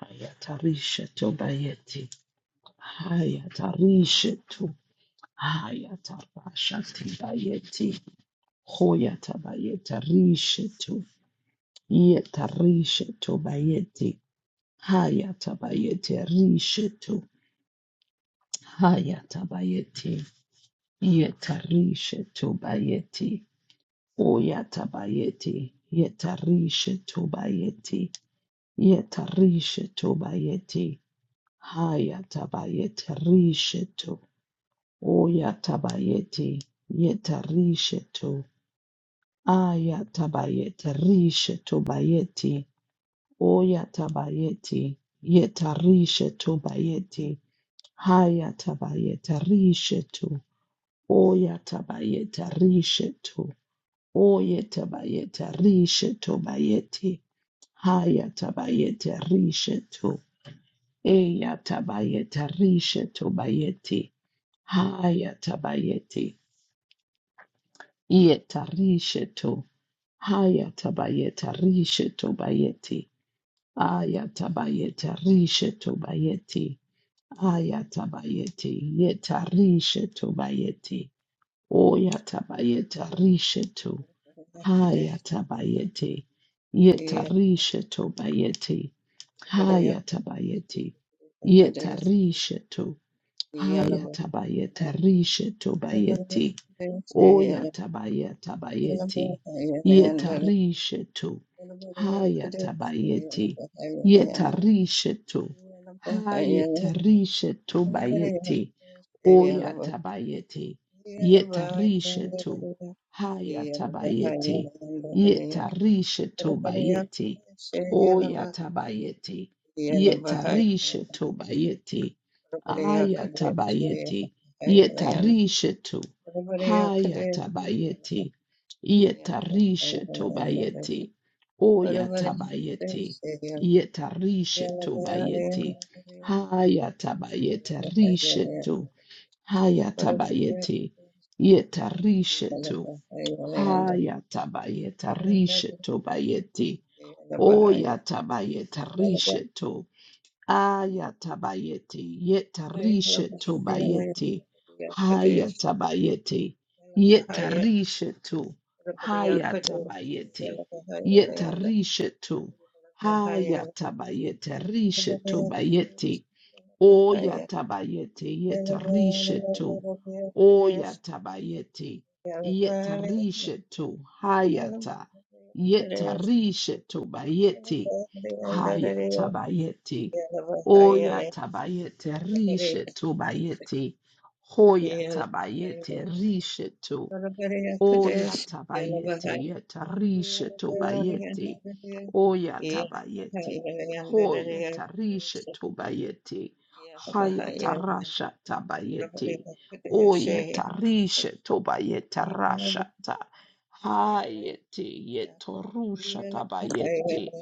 Hayatarisha to bayeti. Hayatarisha to. Hayatarashati bayeti. Hoyatabayeta risha to. Yetarisha to bayeti. Hayatabayete risha to. Hayatabayeti. Yetarisha to bayeti. Oyatabayeti. Yetarisha to bayeti. Yetarisha to bayeti. Hayatabayete risha to. Oyatabayete yetarishetu. Ayatabayete rishetu bayeti. Oyatabayete yetarishetu bayeti. Hayatabayete rishetu. Oyatabayete rishetu. Oyatabayete rishetu bayeti. Hayatabayete rishetu. Eyatabayete rishetu bayeti. Hayatabayete yetarishetu. Hayatabayeta rishetobayeti. Ayatabayeta rishetobayeti. Ayatabayeti yeta rishetobayeti. Oyatabayeta risheto. Yeah. Hayatabayeti yeta rishetobayeti. Hayatabayeti yeta risheto. Hayatabayeta rishetobayeti. Oya tabaya tabayeti. Yetarishetu. Haya tabayeti. Yetarishetu. Haya tarishetu bayeti. Oya tabayete, yetarishetu, haya tabayete, yetarishetu bayete, oya tabayete, yetarishetu bayete, Bahaya, aya tabayete, Bahaya, yetarishetu, haya tabayete, yetarishetu bayete, oya tabayete, yetarishetu bayete, haya tabayete rishetu. Hayatabayeti yetarishetu. Hayatabayetarishetu bayeti. Bahaya, Bahaya, Oyatabayetarishetu. Ayatabayeti yetarishetu bayeti. Hayatabayeti yetarishetu. Hayatabayeti yetarishetu. Yeah, Hayatabayetarishetu bayeti. O yatabayete yetarishetu. O yatabayete yetarishetu. Hayata yetarishetu bayete. Hayatabayete. O yatabayete rishetu bayete. Hoyatabayete rishetu. Oya tabayete yeta rishe tobayete. Oya tabayete. Hoya tarishe tobayete. Haya tarasha tabayete. Oya tarishe tobayete rashata. Yeah. Hayete yetorusha tabayete.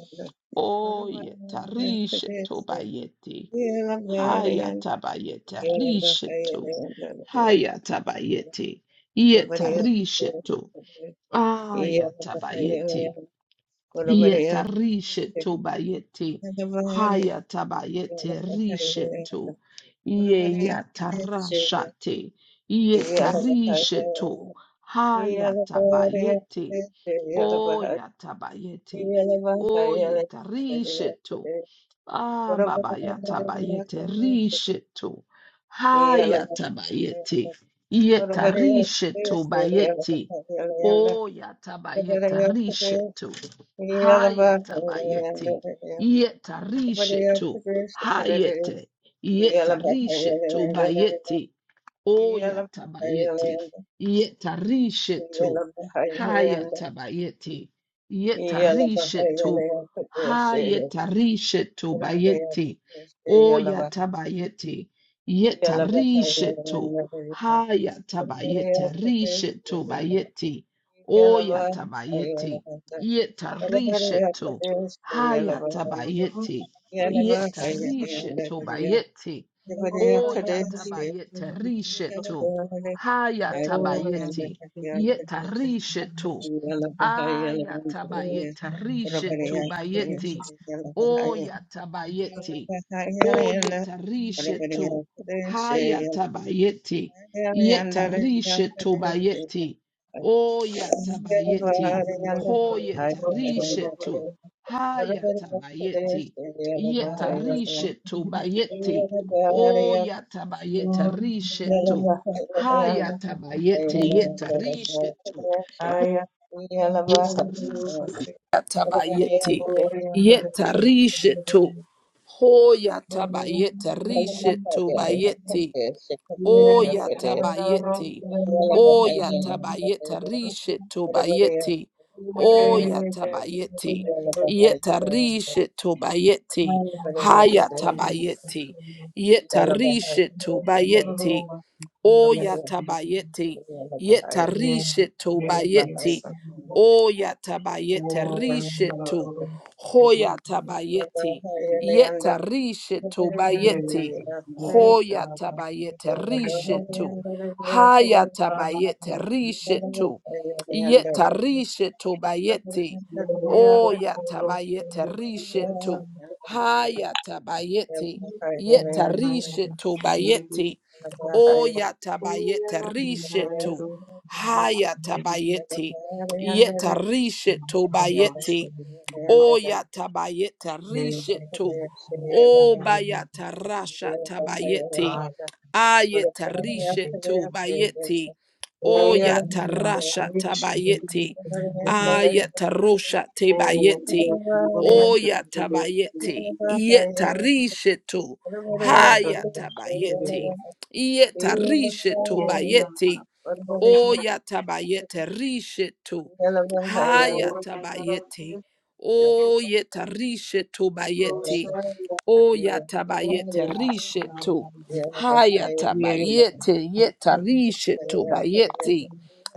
Oya tarishe tobayete. Haya tabayete rishe to. Haya tabayete. Yeta rishe to. Ayatabayete. Yetarisheto bayete. Hayatabayete risheto. Yeyatarashate. Yetarisheto. Hayatabayete. Oyatabayete. Oyetarisheto. Ah, Yellow baba yata bayete risheto. Hayata bayete. Yeta risheto bayete. O yata bayete risheto. Hayata bayete. Yeta risheto. Hayete. Yeta risheto bayete. Oyatabayeti, yetarishetu, hayatabayeti, yetarishetu, hayetarishetu bayeti, oyatabayeti, yetarishetu, hayatabayeti, rishetu bayeti, oya Yalaba, tabayeti, Ayalanda, Everybody up to yetarishetu, this, Yalaba, Glory and hayatabayeti, Yalaba, Ayalanda, yetarishetu bayeti, Everybody up O to this, yatabayete Yalaba, rishetu. Ayalanda, Yalaba, Ayalanda, Everybody up Hayatabayete. to Yeta this, rishetu. Yalaba, Ayalanda, Ayatabayete Everybody rishetu up to this, bayeti. Yalaba, O yatabayete. O Ayalanda, yeta rishetu. Hayatabayete. Yeta rishetu bayeti. O yatabayete. Ho yeta Everybody up to this, rishetu. Everybody Hayatabayete. Yeta rishetu bayeti. O yatabayeta rishetu. Hayatabayete yeta rishetu. Yeta rishetu. Yeta rishetu. Ho yatabayeta rishetu the bayeti. Oya Yeah, tabayete. Oya tabayeta rishe tobayete. Oya tabayete. Yeta rishe tobayete. Haya tabayete. Yeta rishe tobayete. Oya tabayete. Yeta rishe tobayete. Oya tabayete rishe to. Hoya tabayete. Yeta rishe tobayete. Hoyatabayete rishetu. Hayatabayete rishetu. Yeta rishetu bayete. Oh, Oyatabayete rishetu. Hayatabayete. Yeta rishetu bayete. Oyatabayete rishetu. Hayatabayete. Yeta rishetu bayete. O yatabayeta risheto. O bayata rasha tabayete. Ayeta risheto bayete. O yata Yeah. rasha tabayete. Yeah. Ayeta rosha tebayete. O yatabayete. Yeta risheto. Hayata Yeta risheto bayete. yeah. O yatabayete rishetu. Your Hayatabayete. O yeta rishetu bayete. O yatabayete rishetu. Hayatabayete yeta rishetu bayeti.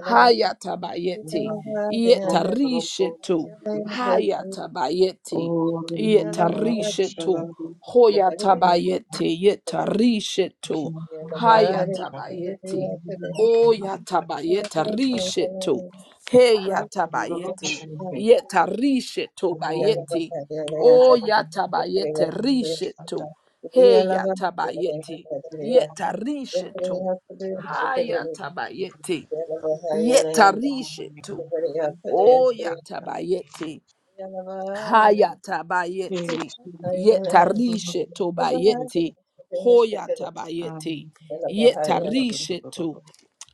Hayatabayete yeta rishetu. Hayatabayete yeta rishetu. Hoyatabayete yeta rishetu. Hayatabayete. O yatabayete rishetu. Hey yatabayete yeta rishetu Everybody bayete. O has yatabayete risheto. He yatabayete. Yeta risheto. Ha yatabayete. Yeta risheto. O Thank you. yatabayete. Ha Hey, yatabayete. Yeta risheto bayete. Ho yatabayete. Yeta risheto.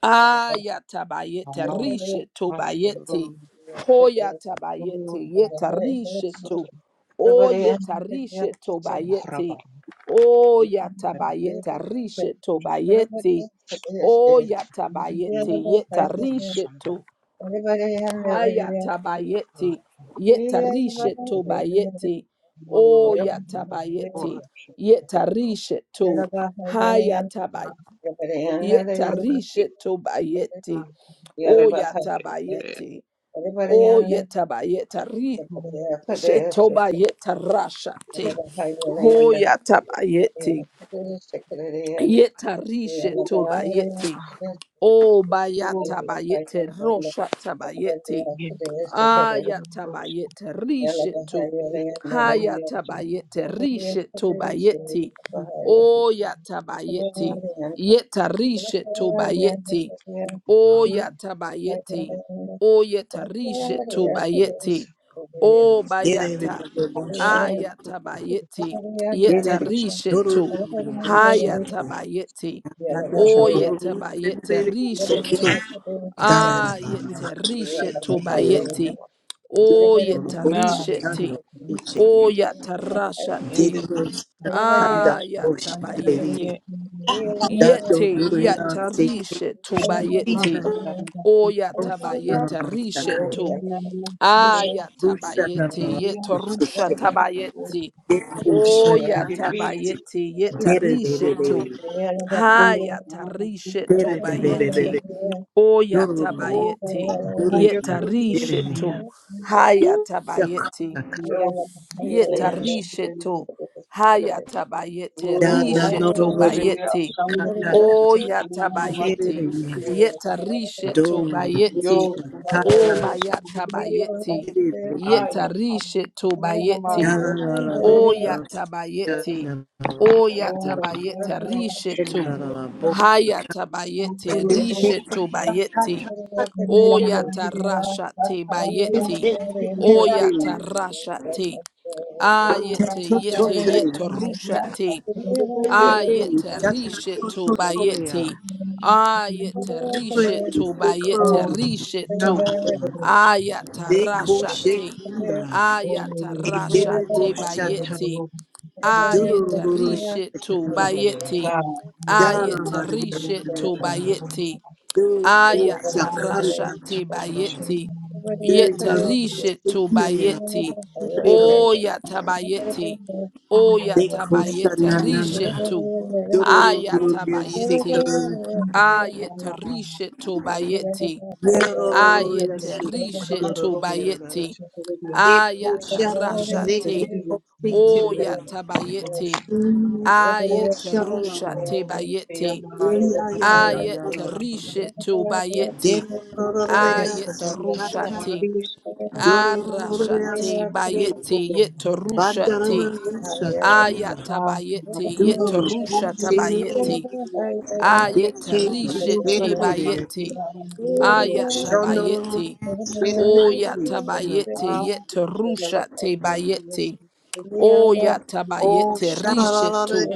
Ayatabayete rishe to bayete. Hoyatabayete yeta rishe to. Oyeta rishe to bayete. Oyatabayete rishe to bayete. to do We are the Oyatabayete best. yeta fight here. rishe to. Everybody and everybody. hand the video. Hayatabayete Everybody yeta rishe to hand bayete. the video. Oyatabayete yeta rishe We are to. the best. fight here. Everybody. Yalaba, yalayan, Hayatabayete yabadayan, yeta nadadayan, rishe to bayete. O yalaba, hayayan, yatabayeti. yabadayan, O yetabayeta ri yabadaya, padaya, shikadaya, shetobayeta rashati. yalaba, hayalayan, Ho dadadaya, yatabayeti. padaya, shikadaya, Yeta ri yalaba, hayalayan, shetobayeti. O yalaba, bayatabayete hayalayan, roshatabayeti. dadadaya, padaya, shikadaya, Ayatabayete ri yalaba, shetu. hayalayan, Hayatabayete ri Yeah. shetobayeti. O yatabayeti. Yeta ri shetobayeti. O yatabayete. O yetarishe tobayete. O Dere bayata. Ayatabayete. Yetarishe to. Hayatabayete. O yetabayete rishe to. Ayetarishe tobayete. O yetarishe te. O yatarasha te. Ayatabayete. Yete yatarishe tobayete. Oyatabayete Oh, rishetu. Ayatabayete yeta rusha tabayete. Oyatabayete yeta rishetu. Hayata rishetu Totally. bayete. Oyatabayete Haya yeta revolution. rishetu. Hayatabayete. Lord, we Yeta are children. risheto. Hayata bayete. Oh, Risheto hallelujah. bayete. Hallelujah. O yata bayete. Hallelujah. Yeta risheto Yo, bayete. Baba, O bayata hallelujah. bayete. I Yeta am risheto hallelujah. no más, bayete. yo, yo, O yata bayete. O Oh, yata bayete. Risheto. Hayata bayete. yo, Risheto bayete. O yata rasha te bayete. Yeah. O yata rasha Thank te. Ayete yete Hallelujah. yete rushate. hallelujah. Ayete risheto bayete. O nas Ayete Please, risheto the bayete clothes, risheto. tego Shabada, Ayata the rashate. Koshekunda, O Ayata a bitter rashate nas Roshata, bayete. tego Ayete Dururu, risheto bayete. God, you are Dara, the Ayete idea of risheto trouble. bayete. Oh, Ayatarasha Durushakarta, te bayeti. Yetarishe to Durushakia, bayeti. Sibrila, O yatabayeti. O the yatabayeta Koshanana, rishe to. Dururu, Ayatabayeti. Sikar, you. Ayetarishe to Yeah. bayeti. Yaruru, Ayetarishe to Sikar, bayeti. Ekoshama Ayatarasha seke te. O kosekerere. yatabayeti. Mm, oshalala. Ayatarusha te bayeti. I'm Eya ya sure ya ya la la. Ayetarishe you to bayeti. bet Demararaya kokie na sakata. Ayetarushati. karališki kiti Dorororaya Arashati sakwe. o bayeti kažką yetarushati. Bandararaya sakaya. Ayatabayeti radau Dururu švyturį koserere. yetarushatabayeti. spindulyje Deke jūra Ayatarishiti tą koserere. bayeti. reikėjo naujos regos Shonororo Ayatabayeti. koserere. a Oyatabayeti daugybės yetarushati dalyvės bayeti. kritikos pasakyti Oh, Oyatabayeti sha la la rishetu.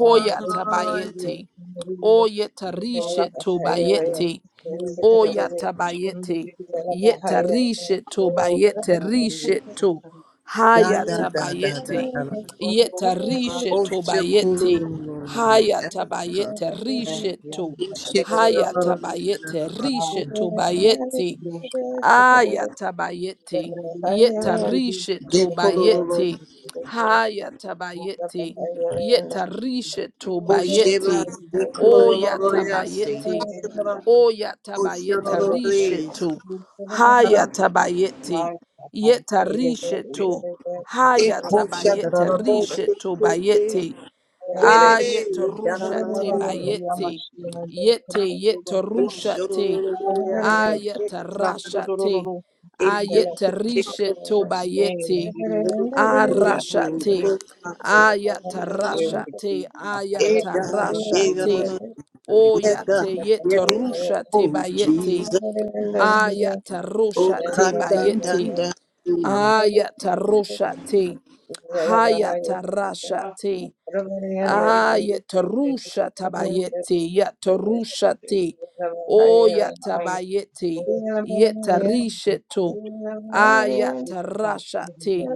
na raidės nerijos I dienos Oyetarishetu bayeti. love dalyką the Oya aš tabayete, manau Oyatabayete. kad o Yetarisheto bayete na raidės risheto. atsargiai Da da da da da da. Hayatabayete. da. o Oh, prašau Yetarisheto shikuru, bayete. Africa. Hayatabayete risheto. mes Oh, Hayatabayete shikuru, Wow, risheto the bayete. brush Yeah, Ayatabayete. but I don't really, Yetarisheto Abantu Dekololo. bayete. Hayatabayete. Thank Yetarisheto Oh, shiba, bayete. Oya shikuru, yasi. tabayete. Oh, Oyatabayeta shirolo, please. rishetu. Hayatabayete. Yeta rishetu. Eko Hayatabayete shadara, bo bashagaye rishetu shikute. bayete. Derere, Ayetarusha te darara. bayete. Yete bari kubika Oh, yetarusha te. shirolo, yasi. you. Kekaka. Ayatarasha te. Yeah. Ekekekeko. Ayetarishe to bayete. Oh Arasha te. Ayatarasha te. Ayatarasha te. Thank you. Oyate yete rusha te bayete. Jesus, Ayata oh rusha te Kandan bayete. Danda, oh Ayata rusha te. Hayata rasha te. Ayata rusha tabayete. Yata rusha te. Oyata bayete. Yeta rishe to. Ayata rasha te.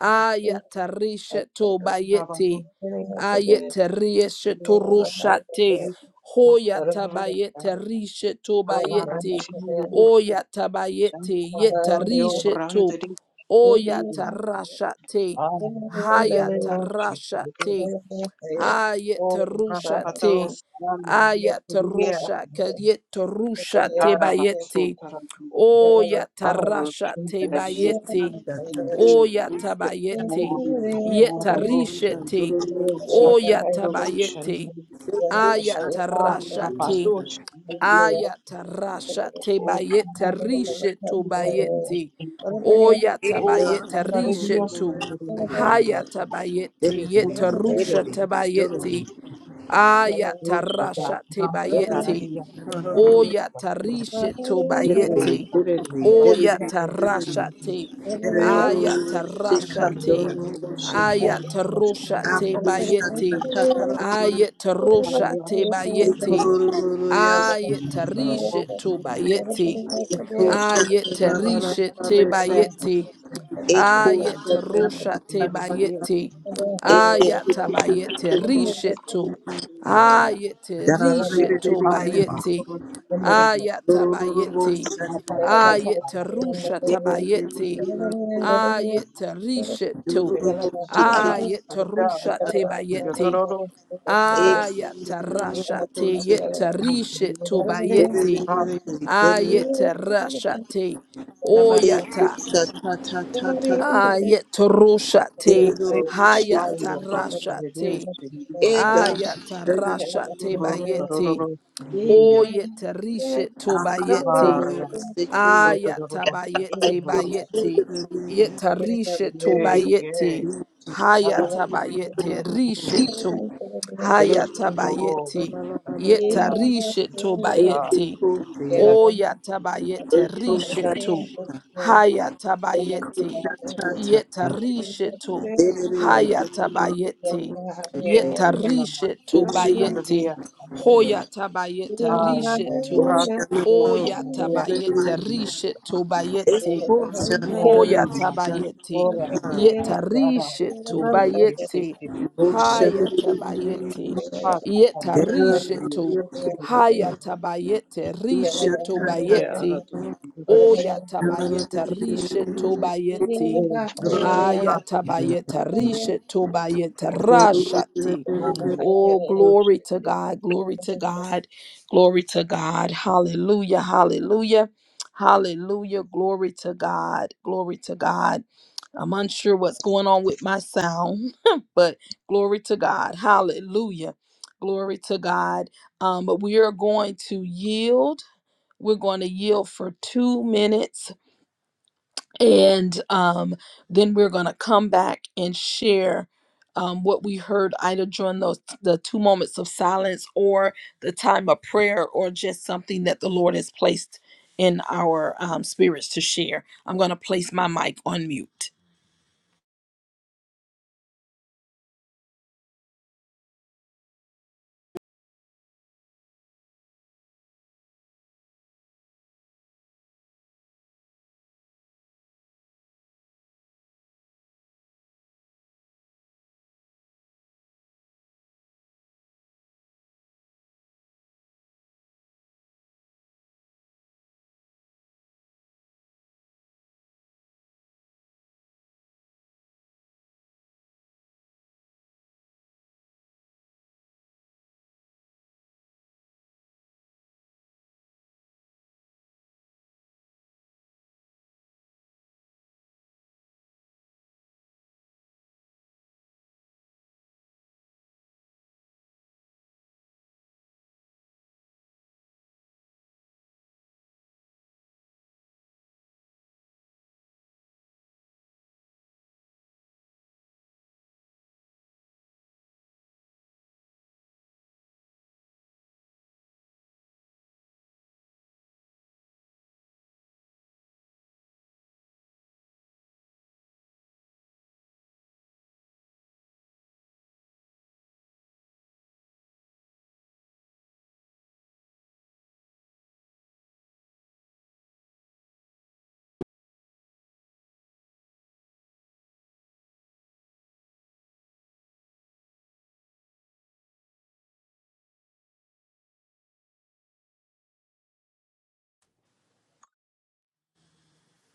Ayatarisha to bayeti. Ayatarisha to rushate. Hoya tabayete risha to bayeti. Oya tabayete Thank yetarisha to. Oya tarashate. Haya tarashate. Oh, you. Ayatarushate. Rapatos, Rama, yes, yes, Ayatarusha kayetarushate Haraba, bayeti. Sutara, Oya Our children tarashate are investing bayeti. Shikanda in the Kadri, action. O oh yatabayete, More Shikandri, Mororo, Kandan yetarishete, Duru, more o Shikandri, Matsuro, Shannon, yatabayete, Seko Ah, Shakri, ayatarashate, Rapazo, Shannon, ayatarashate Oh, bayete Canada, rishetu Canada, bayete, o Oh, Eda, yatabayete Sandra Duru, Dios, Duru, rishetu, Duru, hayatabayete, Duru, Duru, yetarushate Duru, bayete, Oh, Shada, ayatarashate Ram, Echo, bayete, Pataradia, Oh, Sandra, o yatarishetu Oh, bayete. Sandra, Oh, Sandra, Oyatarashate. Ayatarashate. Oh, Ayataroshate Sandra, bayete. Hallelujah. Ayataroshate bayete. Thank Ayatarishe to bayete. Ayatarishe te bayete. Ayet rosha te bayete. Ayata bayete risheto. Ayete risheto bayete. Ayata bayete. ayet rusha Thank tabayete. ayet risheto. ayet rusha te bayete. Ayata rasha te yete risheto bayete. ayet rasha te. Oyata. you. Ayetoroshate, Yeah, hayatarashate, ayatarashate bayete, oyetarishe tobayete, So to the robot, ayatabayete yeah, bayete, yetarishe you. yeah, tobayete, yeah, man, hayatabayete, rishe yeah, to, oh, hayatabayete, that's that, yetarishe that, tobayete, Ekukuvira, Oyatabayete rishetu. ekutatata, that, Hayatabayete. ekutatatata, Yetarishetu. derere derere Hayatabayete. yeah, derere, then I'm not Yetarishetu sure, bayete. yeah, and Hoyatabayete I, the oshanaba, rishetu. rat, the oshanaba, dog, the yeah, Oyatabayete rishetu bayete. yeah, Hoya ekoshanare, man, man, Can tabayeti. all right, shanaba, man, yeah, that, Yetarishe really, really sick, tobayeti. yeah, Haya oshanare, tabayeti. heart, heart, derere, Yetarishe really, to. Haya tabayete. Rishe ushatatata, yeah, rat, tobayeti. the Oya derere, tabayete. Rishe derere, tobayeti. dog, yeah, Ayatabayeta rishet tobayeta derere, rashati. derere, Oh, glory to God, glory to God, glory to God. Hallelujah, hallelujah, hallelujah, glory to God, glory to God. I'm unsure what's going on with my sound, but glory to God, hallelujah, glory to God. Um, but we are going to yield. We're going to yield for two minutes and um, then we're going to come back and share um, what we heard either during those the two moments of silence or the time of prayer or just something that the lord has placed in our um, spirits to share i'm going to place my mic on mute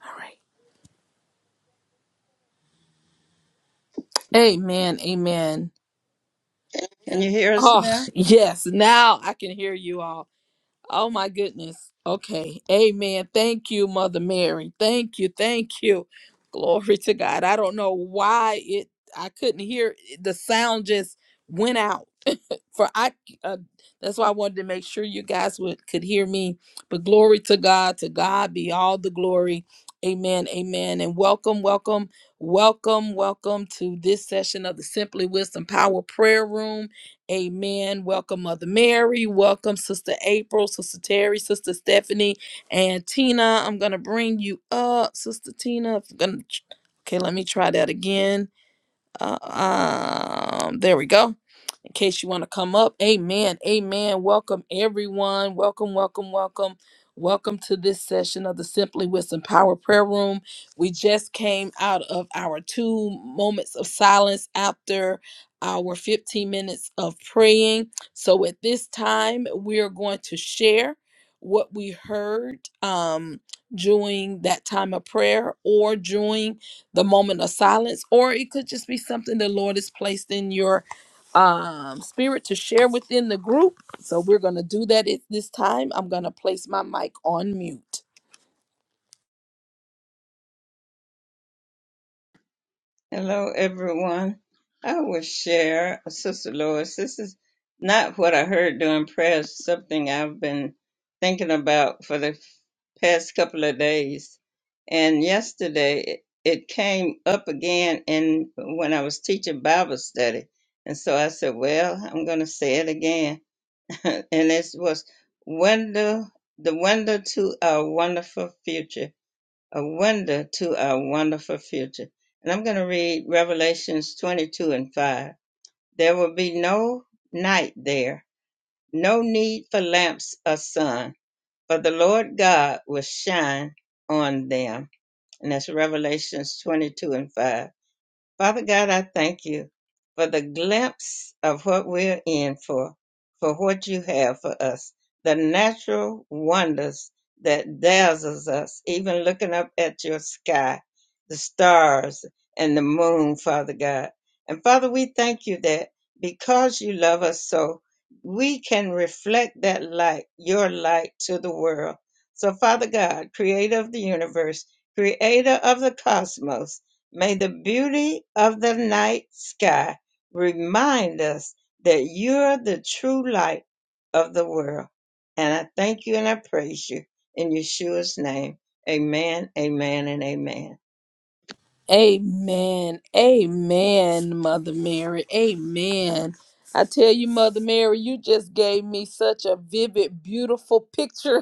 all right amen amen you hear us oh now? yes now i can hear you all Oh my goodness. Okay. Amen. Thank you, Mother Mary. Thank you. Thank you. Glory to God. I don't know why it I couldn't hear the sound just went out for I uh, that's why I wanted to make sure you guys would could hear me. But glory to God, to God be all the glory. Amen. Amen. And welcome, welcome, welcome, welcome to this session of the Simply Wisdom Power Prayer Room. Amen. Welcome, Mother Mary. Welcome, Sister April, Sister Terry, Sister Stephanie, and Tina. I'm gonna bring you up, Sister Tina. I'm gonna okay, let me try that again. Uh, um, there we go in case you want to come up. Amen. Amen. Welcome, everyone. Welcome, welcome, welcome. Welcome to this session of the Simply Wisdom Power Prayer Room. We just came out of our two moments of silence after our 15 minutes of praying. So at this time, we are going to share what we heard um, during that time of prayer or during the moment of silence, or it could just be something the Lord has placed in your um spirit to share within the group so we're gonna do that at this time i'm gonna place my mic on mute Hello, everyone. I will share, Sister Lois. This is not what I heard during prayer, it's something I've been thinking about for the past couple of days. And yesterday, it it came up again in when I was teaching Bible study. And so I said, Well, I'm going to say it again. and it was window, the window to our wonderful future a window to our wonderful future. And I'm going to read Revelations 22 and 5. There will be no night there, no need for lamps or sun, for the Lord God will shine on them. And that's Revelations 22 and 5. Father God, I thank you for the glimpse of what we're in for, for what you have for us, the natural wonders that dazzles us, even looking up at your sky, the stars and the moon, Father God. And Father, we thank you that because you love us so, we can reflect that light, your light to the world. So Father God, creator of the universe, creator of the cosmos, May the beauty of the night sky remind us that you're the true light of the world. And I thank you and I praise you in Yeshua's name. Amen, amen, and amen. amen amen mother mary amen i tell you mother mary you just gave me such a vivid beautiful picture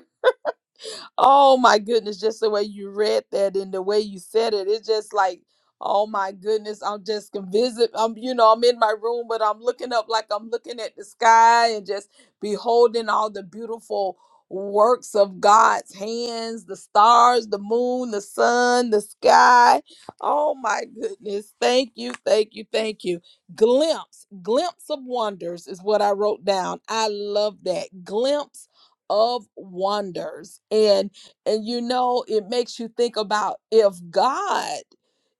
Oh my goodness, just the way you read that and the way you said it, it's just like, oh my goodness, I'm just convisit. I'm, you know, I'm in my room, but I'm looking up like I'm looking at the sky and just beholding all the beautiful works of God's hands, the stars, the moon, the sun, the sky. Oh my goodness. Thank you, thank you, thank you. Glimpse, glimpse of wonders is what I wrote down. I love that. Glimpse of wonders and and you know it makes you think about if god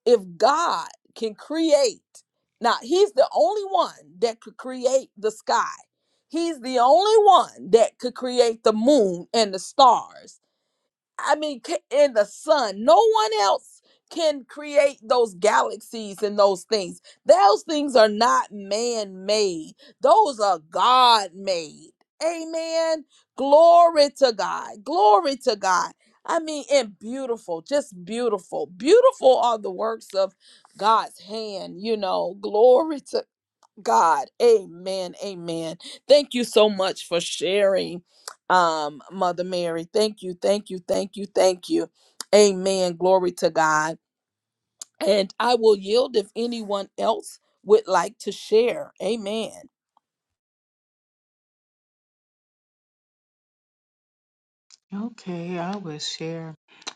if god can create now he's the only one that could create the sky he's the only one that could create the moon and the stars I mean, ca- in the sun. No one else can create those galaxies and those things. Those things are not man made, those are God made. Amen. Glory to God. Glory to God. I mean, and beautiful, just beautiful. Beautiful are the works of God's hand, you know. Glory to God. Amen. Amen. Thank you so much for sharing, um, Mother Mary. Thank you. Thank you. Thank you. Thank you. Amen. Glory to God. And I will yield if anyone else would like to share. Amen. Okay, I will share.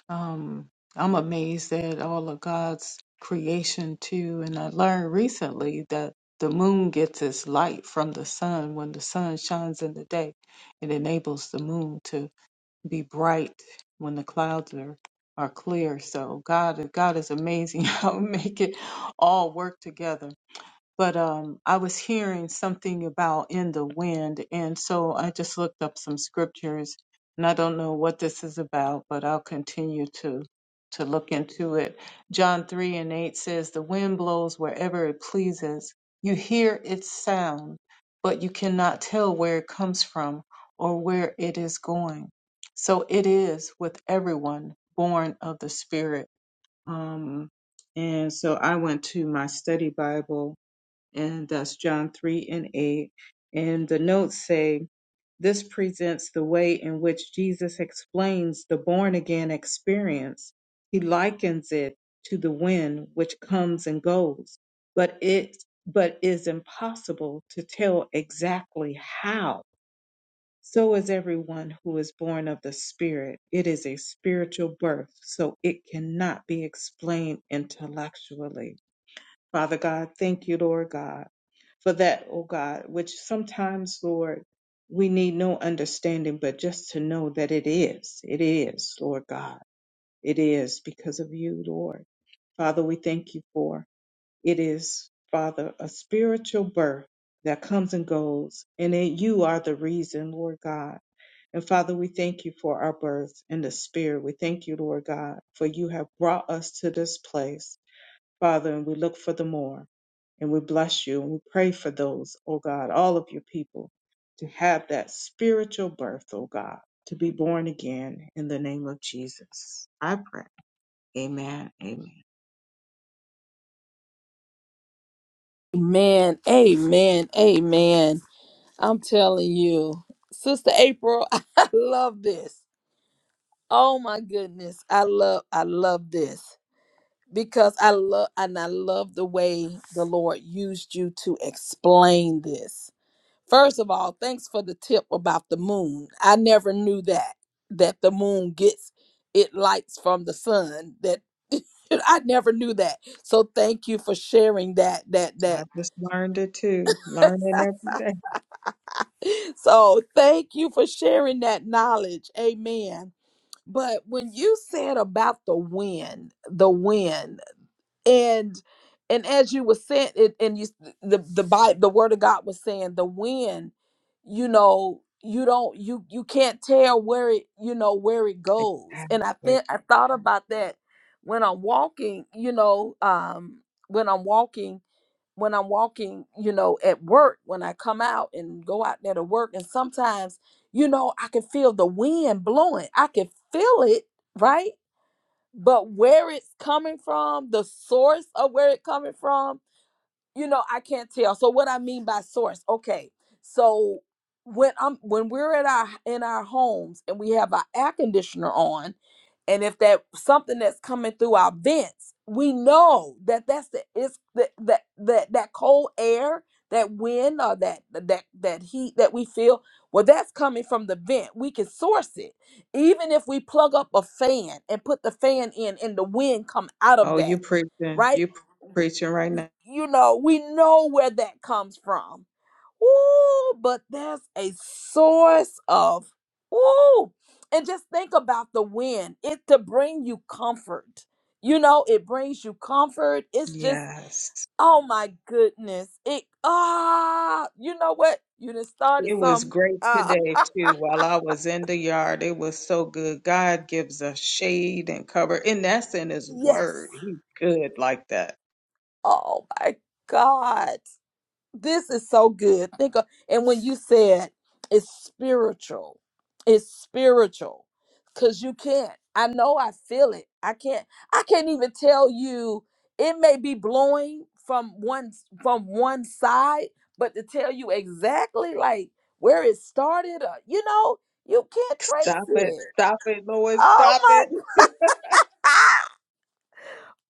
Um, I'm amazed at all of God's creation too, and I learned recently that the moon gets its light from the sun when the sun shines in the day. It enables the moon to be bright when the clouds are, are clear. So God, God is amazing. how will make it all work together. but um, I was hearing something about in the wind, and so I just looked up some scriptures, and I don't know what this is about, but I'll continue to to look into it. John three and eight says, "The wind blows wherever it pleases. You hear its sound, but you cannot tell where it comes from or where it is going." So it is with everyone born of the Spirit. Um, and so I went to my study Bible and that's John 3 and 8. And the notes say, This presents the way in which Jesus explains the born again experience. He likens it to the wind which comes and goes, but it but is impossible to tell exactly how. So is everyone who is born of the Spirit. It is a spiritual birth, so it cannot be explained intellectually Father God, thank you, Lord God, for that, oh God, which sometimes, Lord, we need no understanding, but just to know that it is, it is, Lord God, it is because of you, Lord. Father, we thank you for it is, Father, a spiritual birth that comes and goes, and it, you are the reason, Lord God. And Father, we thank you for our birth in the spirit. We thank you, Lord God, for you have brought us to this place. Father, and we look for the more. And we bless you and we pray for those, oh God, all of your people to have that spiritual birth, oh God, to be born again in the name of Jesus. I pray. Amen. Amen. Amen. Amen. Amen. I'm telling you, Sister April, I love this. Oh my goodness. I love I love this. because I love and I love the way the Lord used you to explain this. First of all, thanks for the tip about the moon. I never knew that that the moon gets it lights from the sun. That I never knew that. So thank you for sharing that that I that just learned it too, learning every day. so thank you for sharing that knowledge. Amen. But when you said about the wind, the wind. and and as you were saying it and you the the Bible, the word of god was saying the wind you know you don't you you can't tell where it you know where it goes and i Exactly. think i thought about that when i'm walking you know um when i'm walking when i'm walking you know at work when i come out and go out there to work and sometimes you know i can feel the wind blowing i can feel it right but where it's coming from, the source of where it coming from, you know, I can't tell. So what I mean by source, okay. So when I'm when we're at our in our homes and we have our air conditioner on, and if that something that's coming through our vents we know that that's the it's the, that that that cold air that wind or that that that heat that we feel well that's coming from the vent we can source it even if we plug up a fan and put the fan in and the wind come out of Oh, you that preaching. right You preaching right y- now. you know we know where that comes from Ooh, but there's a source of ooh. And just think about the wind. It to bring you comfort. You know, it brings you comfort. It's just, Yes. oh my goodness. It ah, you know what? You done started It was some. great Ah, today too. While I was in the yard, it was so good. God gives us shade and cover, and that's in His yes. Word. He's good like that. Oh my God. this is so good. Think of, and when you said it's spiritual, it's spiritual because you can't. I know I feel it. I can't. I can't even tell you. It may be blowing from one from one side, but to tell you exactly like where it started, uh, you know, you can't trace Stop it! it. Stop it, Lord! Oh Stop it! my God!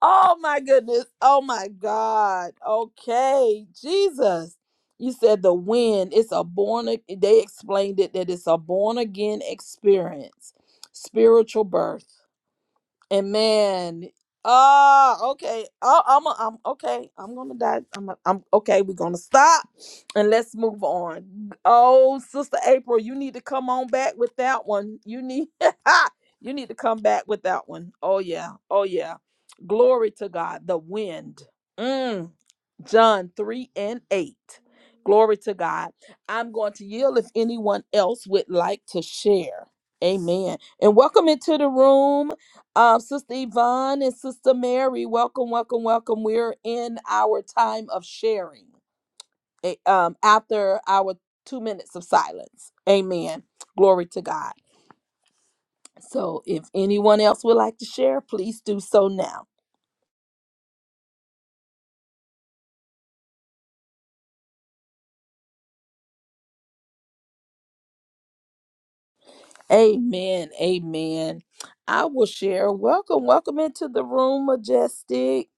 Oh my goodness. Oh my God. Okay. Jesus. You said the wind. It's a born ag- they explained it that it's a born again experience. Spiritual birth. And man, ah, okay. Oh, I'm, a, I'm okay. I'm gonna die. I'm, a, I'm okay. We're gonna stop and let's move on. Oh, Sister April, you need to come on back with that one. You need, you need to come back with that one. Oh yeah. Oh yeah. Glory to God. The wind. Mm. John 3 and 8. Glory to God. I'm going to yield if anyone else would like to share. Amen. And welcome into the room, uh, Sister Yvonne and Sister Mary. Welcome, welcome, welcome. We're in our time of sharing eh, um, after our two minutes of silence. Amen. Glory to God. So if anyone else would like to share, please do so now. Amen. Amen. I will share. Welcome, welcome into the room, Majestic.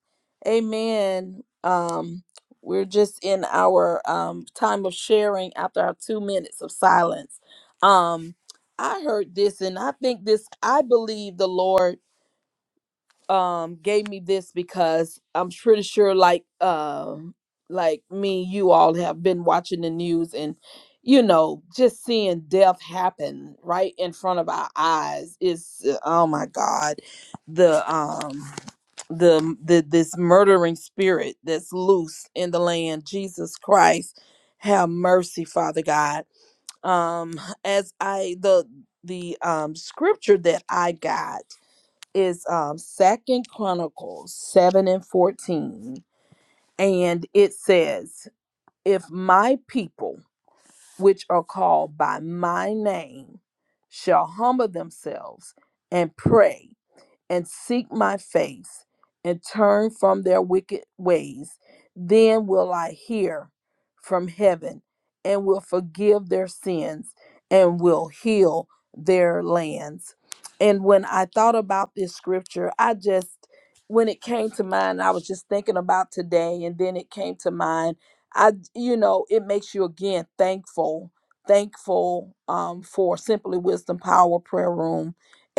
Amen. Um, we're just in our um time of sharing after our two minutes of silence. Um, I heard this, and I think this, I believe the Lord um gave me this because I'm pretty sure like um like me you all have been watching the news and you know just seeing death happen right in front of our eyes is uh, oh my god the um the the this murdering spirit that's loose in the land Jesus Christ have mercy father god um as I the the um scripture that I got is um second chronicles 7 and 14 and it says if my people which are called by my name shall humble themselves and pray and seek my face and turn from their wicked ways, then will I hear from heaven and will forgive their sins and will heal their lands. And when I thought about this scripture, I just, when it came to mind, I was just thinking about today, and then it came to mind. I, you know, it makes you again thankful, thankful um, for Simply Wisdom Power Prayer Room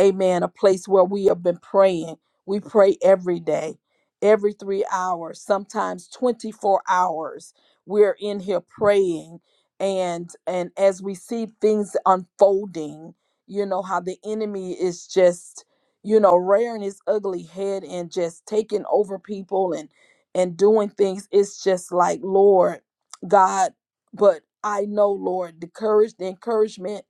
amen, a place where we have been praying. We pray every day, every three hours, sometimes 24 hours. We're in here praying. And and as we see things unfolding, you know, how the enemy is just, you know, rearing his ugly head and just taking over people and and doing things. It's just like, Lord, God, but I know, Lord, the courage, the encouragement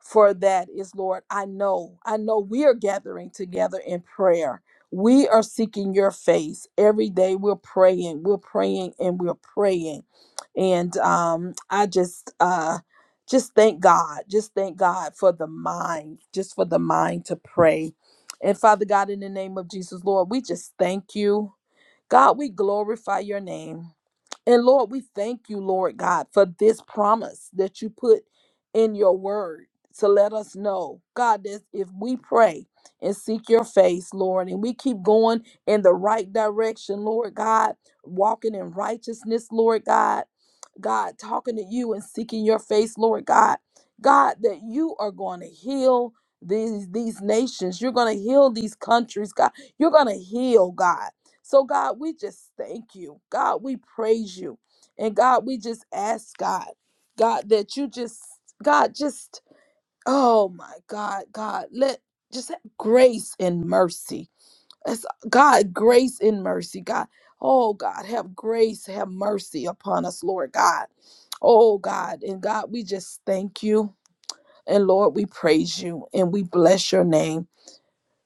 for that is, Lord, I know, I know we are gathering together in prayer. We are seeking your face every day. We're praying, we're praying, and we're praying. And um, I just, uh, just thank God, just thank God for the mind, just for the mind to pray. And Father God, in the name of Jesus, Lord, we just thank you. God, we glorify your name. And Lord, we thank you, Lord God, for this promise that you put in your word to let us know, God, that if we pray and seek your face, Lord, and we keep going in the right direction, Lord God, walking in righteousness, Lord God, God, talking to you and seeking your face, Lord God, God, that you are going to heal these these nations you're going to heal these countries god you're going to heal god so, God, we just thank you. God, we praise you. And God, we just ask God, God, that you just, God, just, oh my God, God, let just have grace and mercy. That's, God, grace and mercy. God, oh God, have grace, have mercy upon us, Lord God. Oh God, and God, we just thank you. And Lord, we praise you and we bless your name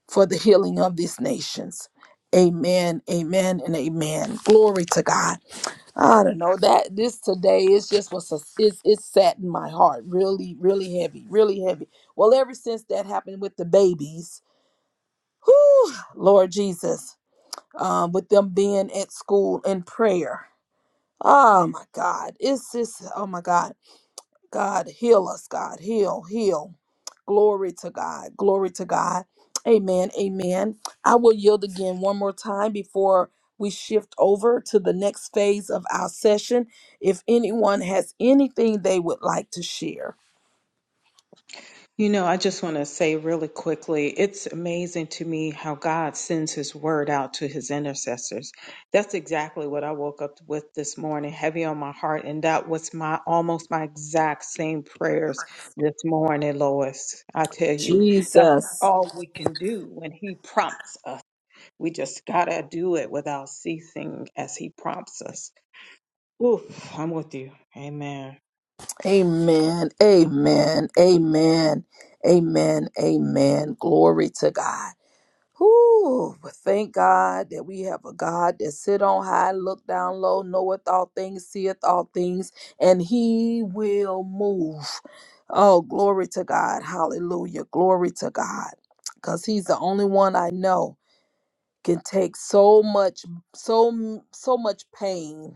for the healing of these nations. Amen, amen, and amen. Glory to God. I don't know that this today is just what's a, it's it's sat in my heart, really, really heavy, really heavy. Well, ever since that happened with the babies, whew, Lord Jesus, um, with them being at school in prayer. Oh my God, it's just oh my God, God heal us, God heal, heal. Glory to God. Glory to God. Amen. Amen. I will yield again one more time before we shift over to the next phase of our session. If anyone has anything they would like to share. You know, I just want to say really quickly, it's amazing to me how God sends his word out to his intercessors. That's exactly what I woke up with this morning, heavy on my heart, and that was my almost my exact same prayers this morning, Lois. I tell you, that's Jesus. all we can do when he prompts us. We just got to do it without ceasing as he prompts us. Oof, I'm with you. Amen. Amen. Amen. Amen. Amen. Amen. Glory to God. Whew, but thank God that we have a God that sit on high, look down low, knoweth all things, seeth all things, and he will move. Oh, glory to God. Hallelujah. Glory to God. Because he's the only one I know can take so much, so, so much pain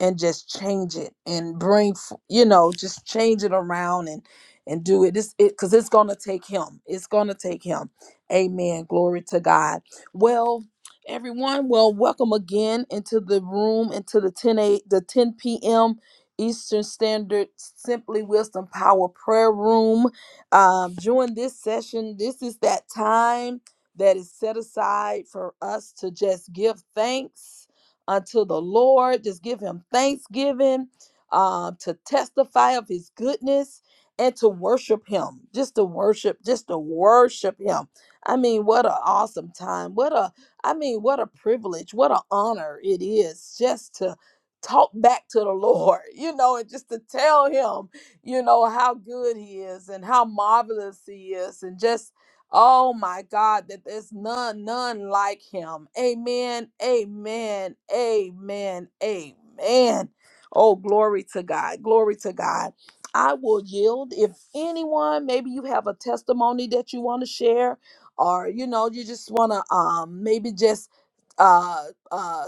and just change it and bring f- you know just change it around and and do it this it because it's gonna take him it's gonna take him amen glory to god well everyone well welcome again into the room into the 10 a the 10 p.m eastern standard simply wisdom power prayer room um during this session this is that time that is set aside for us to just give thanks unto the Lord. Just give him thanksgiving uh, to testify of his goodness and to worship him. Just to worship, just to worship him. I mean, what an awesome time. What a, I mean, what a privilege. What an honor it is just to talk back to the Lord, you know, and just to tell him, you know, how good he is and how marvelous he is and just Oh my God, that there's none, none like him. Amen. Amen. Amen. Amen. Oh, glory to God. Glory to God. I will yield if anyone, maybe you have a testimony that you want to share, or you know, you just want to um maybe just uh uh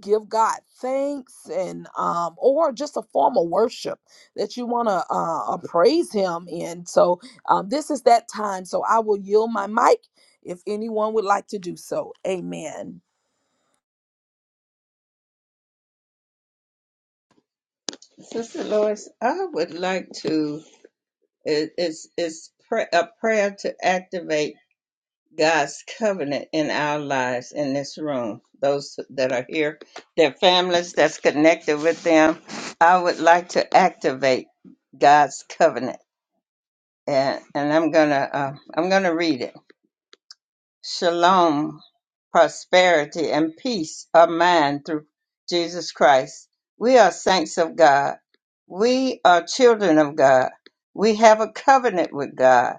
give God thanks and um or just a form of worship that you want to uh, uh praise him in. So um, this is that time, so I will yield my mic if anyone would like to do so. Amen. Sister Lois, I would like to, it- it's, it's pra- a prayer to activate God's covenant in our lives in this room, those that are here, their families that's connected with them. I would like to activate God's covenant, and, and I'm gonna uh, I'm gonna read it shalom, prosperity, and peace of mind through Jesus Christ. We are saints of God. We are children of God. We have a covenant with God.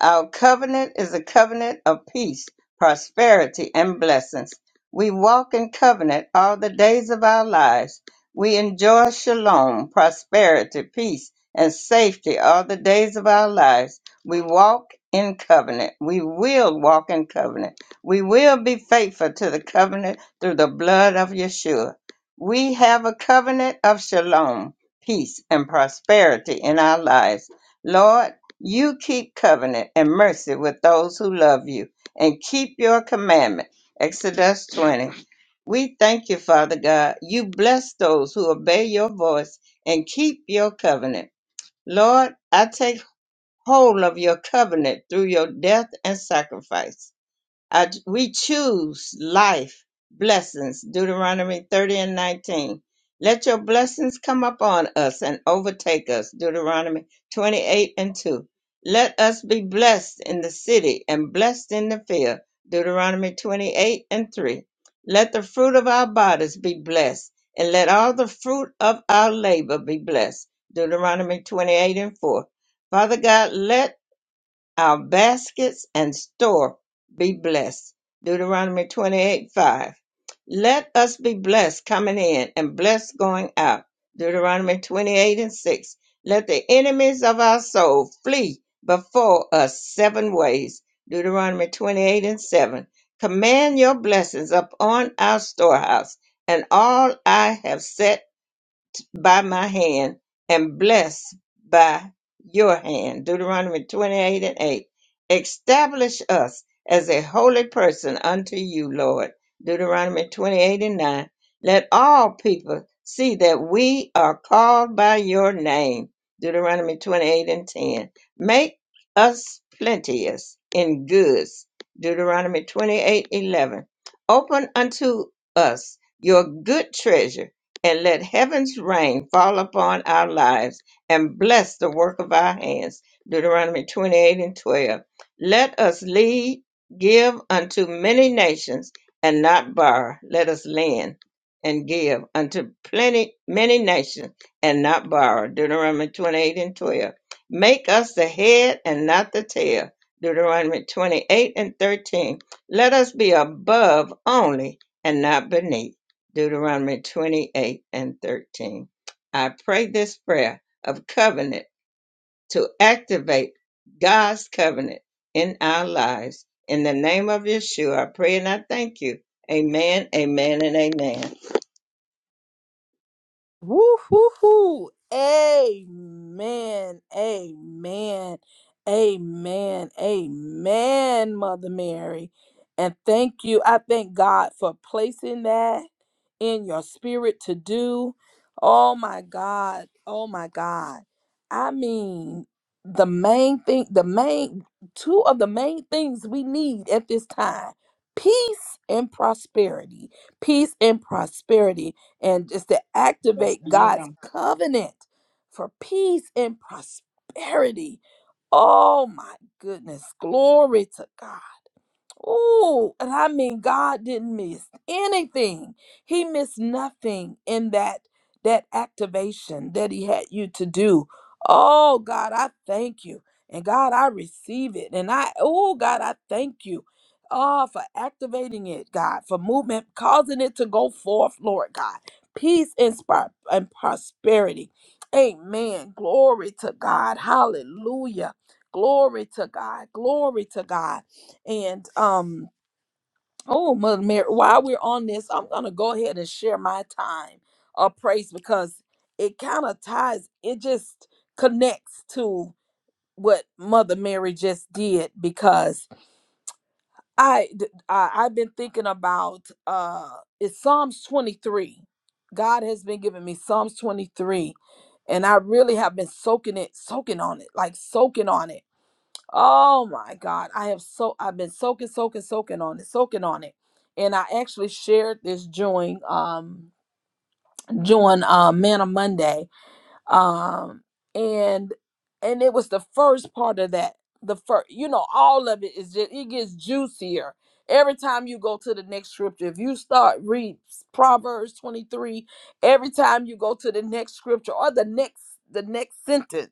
Our covenant is a covenant of peace, prosperity, and blessings. We walk in covenant all the days of our lives. We enjoy shalom, prosperity, peace, and safety all the days of our lives. We walk in covenant. We will walk in covenant. We will be faithful to the covenant through the blood of Yeshua. We have a covenant of shalom, peace, and prosperity in our lives. Lord, you keep covenant and mercy with those who love you and keep your commandment. Exodus 20. We thank you, Father God. You bless those who obey your voice and keep your covenant. Lord, I take Whole of your covenant through your death and sacrifice. I, we choose life, blessings, Deuteronomy 30 and 19. Let your blessings come upon us and overtake us, Deuteronomy 28 and 2. Let us be blessed in the city and blessed in the field, Deuteronomy 28 and 3. Let the fruit of our bodies be blessed, and let all the fruit of our labor be blessed, Deuteronomy 28 and 4. Father God, let our baskets and store be blessed. Deuteronomy 28 5. Let us be blessed coming in and blessed going out. Deuteronomy 28 and 6. Let the enemies of our soul flee before us seven ways. Deuteronomy 28 and 7. Command your blessings upon our storehouse and all I have set by my hand and blessed by your hand. Deuteronomy 28 and 8. Establish us as a holy person unto you, Lord. Deuteronomy 28 and 9. Let all people see that we are called by your name. Deuteronomy 28 and 10. Make us plenteous in goods. Deuteronomy 28 11, Open unto us your good treasure and let heaven's rain fall upon our lives and bless the work of our hands. Deuteronomy 28 and 12. Let us lead, give unto many nations and not borrow. Let us lend and give unto plenty, many nations and not borrow. Deuteronomy 28 and 12. Make us the head and not the tail. Deuteronomy 28 and 13. Let us be above only and not beneath. Deuteronomy 28 and 13. I pray this prayer of covenant to activate God's covenant in our lives. In the name of Yeshua, I pray and I thank you. Amen, amen, and amen. Woo hoo hoo. Amen. Amen. Amen. Amen, Mother Mary. And thank you. I thank God for placing that in your spirit to do. Oh my God. Oh my God. I mean, the main thing, the main two of the main things we need at this time peace and prosperity. Peace and prosperity and just to Yes, activate God's ma'am. covenant for peace and prosperity. Oh my goodness. Glory to God. Oh, and I mean God didn't miss anything. He missed nothing in that that activation that he had you to do. Oh God, I thank you. And God, I receive it. And I oh God, I thank you. Oh, for activating it, God, for movement, causing it to go forth, Lord God. Peace and, spar- and prosperity. Amen. Glory to God. Hallelujah. Glory to God. Glory to God. And um, oh, Mother Mary, while we're on this, I'm gonna go ahead and share my time of praise because it kind of ties, it just connects to what Mother Mary just did because I, d- I I've been thinking about uh it's Psalms 23. God has been giving me Psalms 23 and I really have been soaking it soaking on it like soaking on it Oh my God. I have so I've been soaking, soaking, soaking on it, soaking on it. And I actually shared this during um during uh Man of Monday um and and it was the first part of that the first you know all of it is just it gets juicier every time you go to the next scripture if you start read proverbs 23 every time you go to the next scripture or the next the next sentence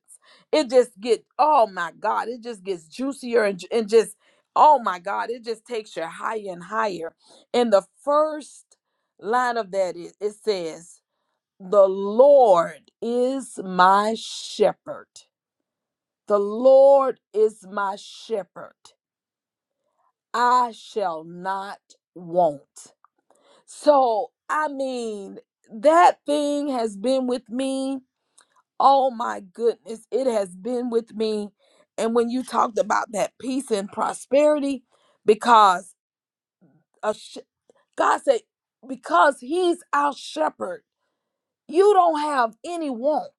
it just get oh my god it just gets juicier and, ju- and just oh my god it just takes you higher and higher and the first line of that is it says the Lord is my shepherd. The Lord is my shepherd. I shall not want. So, I mean, that thing has been with me. Oh my goodness, it has been with me. And when you talked about that peace and prosperity, because a sh- God said, because He's our shepherd. You don't have any want.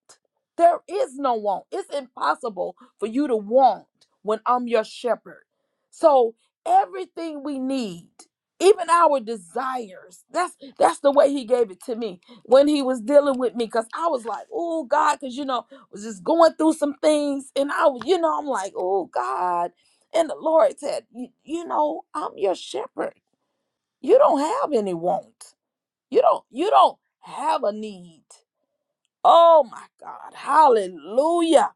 There is no want. It's impossible for you to want when I'm your shepherd. So everything we need, even our desires, that's that's the way he gave it to me when he was dealing with me. Cause I was like, oh God, because you know, I was just going through some things. And I was, you know, I'm like, oh God. And the Lord said, you you know, I'm your shepherd. You don't have any want. You don't, you don't have a need. Oh my God. Hallelujah.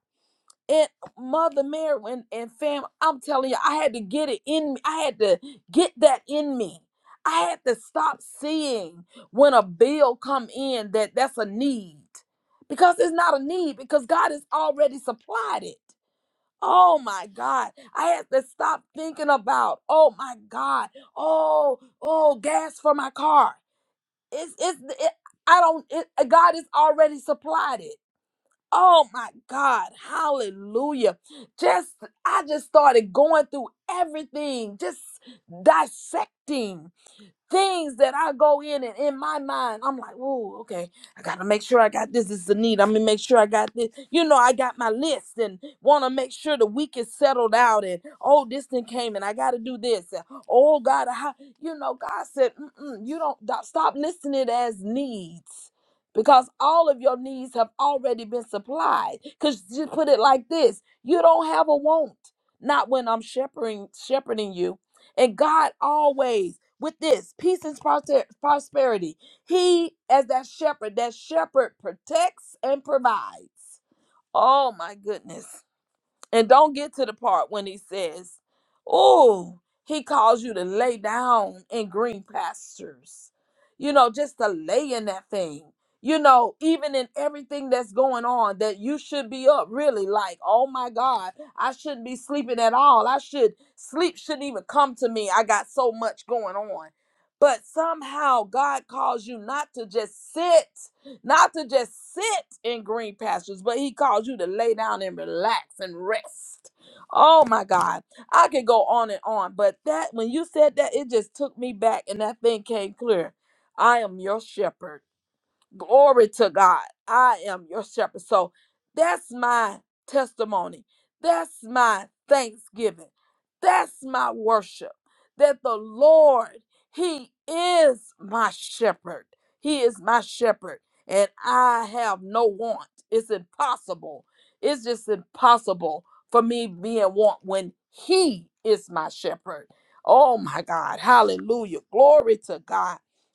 And Mother Mary and, and fam, I'm telling you, I had to get it in me. I had to get that in me. I had to stop seeing when a bill come in that that's a need because it's not a need because God has already supplied it. Oh my God. I had to stop thinking about, oh my God, oh, oh, gas for my car. It's, it's, it, I don't, it, God has already supplied it. Oh my God. Hallelujah. Just, I just started going through everything, just dissecting things that I go in and in my mind, I'm like, whoa, okay, I gotta make sure I got this. This is the need. I'm gonna make sure I got this. You know, I got my list and wanna make sure the week is settled out and oh, this thing came and I gotta do this. and, oh God, how you know, God said, Mm-mm, you don't do- stop listing it as needs. Because all of your needs have already been supplied. Because just put it like this you don't have a want, not when I'm shepherding, shepherding you. And God always with this peace and prosper- prosperity. He, as that shepherd, that shepherd protects and provides. Oh my goodness. And don't get to the part when he says, Oh, he calls you to lay down in green pastures. You know, just to lay in that thing. You know, even in everything that's going on, that you should be up really like, oh my God, I shouldn't be sleeping at all. I should, sleep shouldn't even come to me. I got so much going on. But somehow God calls you not to just sit not to just sit in green pastures, but he calls you to lay down and relax and rest. Oh my God. I could go on and on, but that when you said that, it just took me back and that thing came clear. I am your shepherd. Glory to God. I am your shepherd. So that's my testimony. That's my thanksgiving. That's my worship. That the Lord, He is my shepherd. He is my shepherd. And I have no want. It's impossible. It's just impossible for me being want when He is my shepherd. Oh my God. Hallelujah. Glory to God.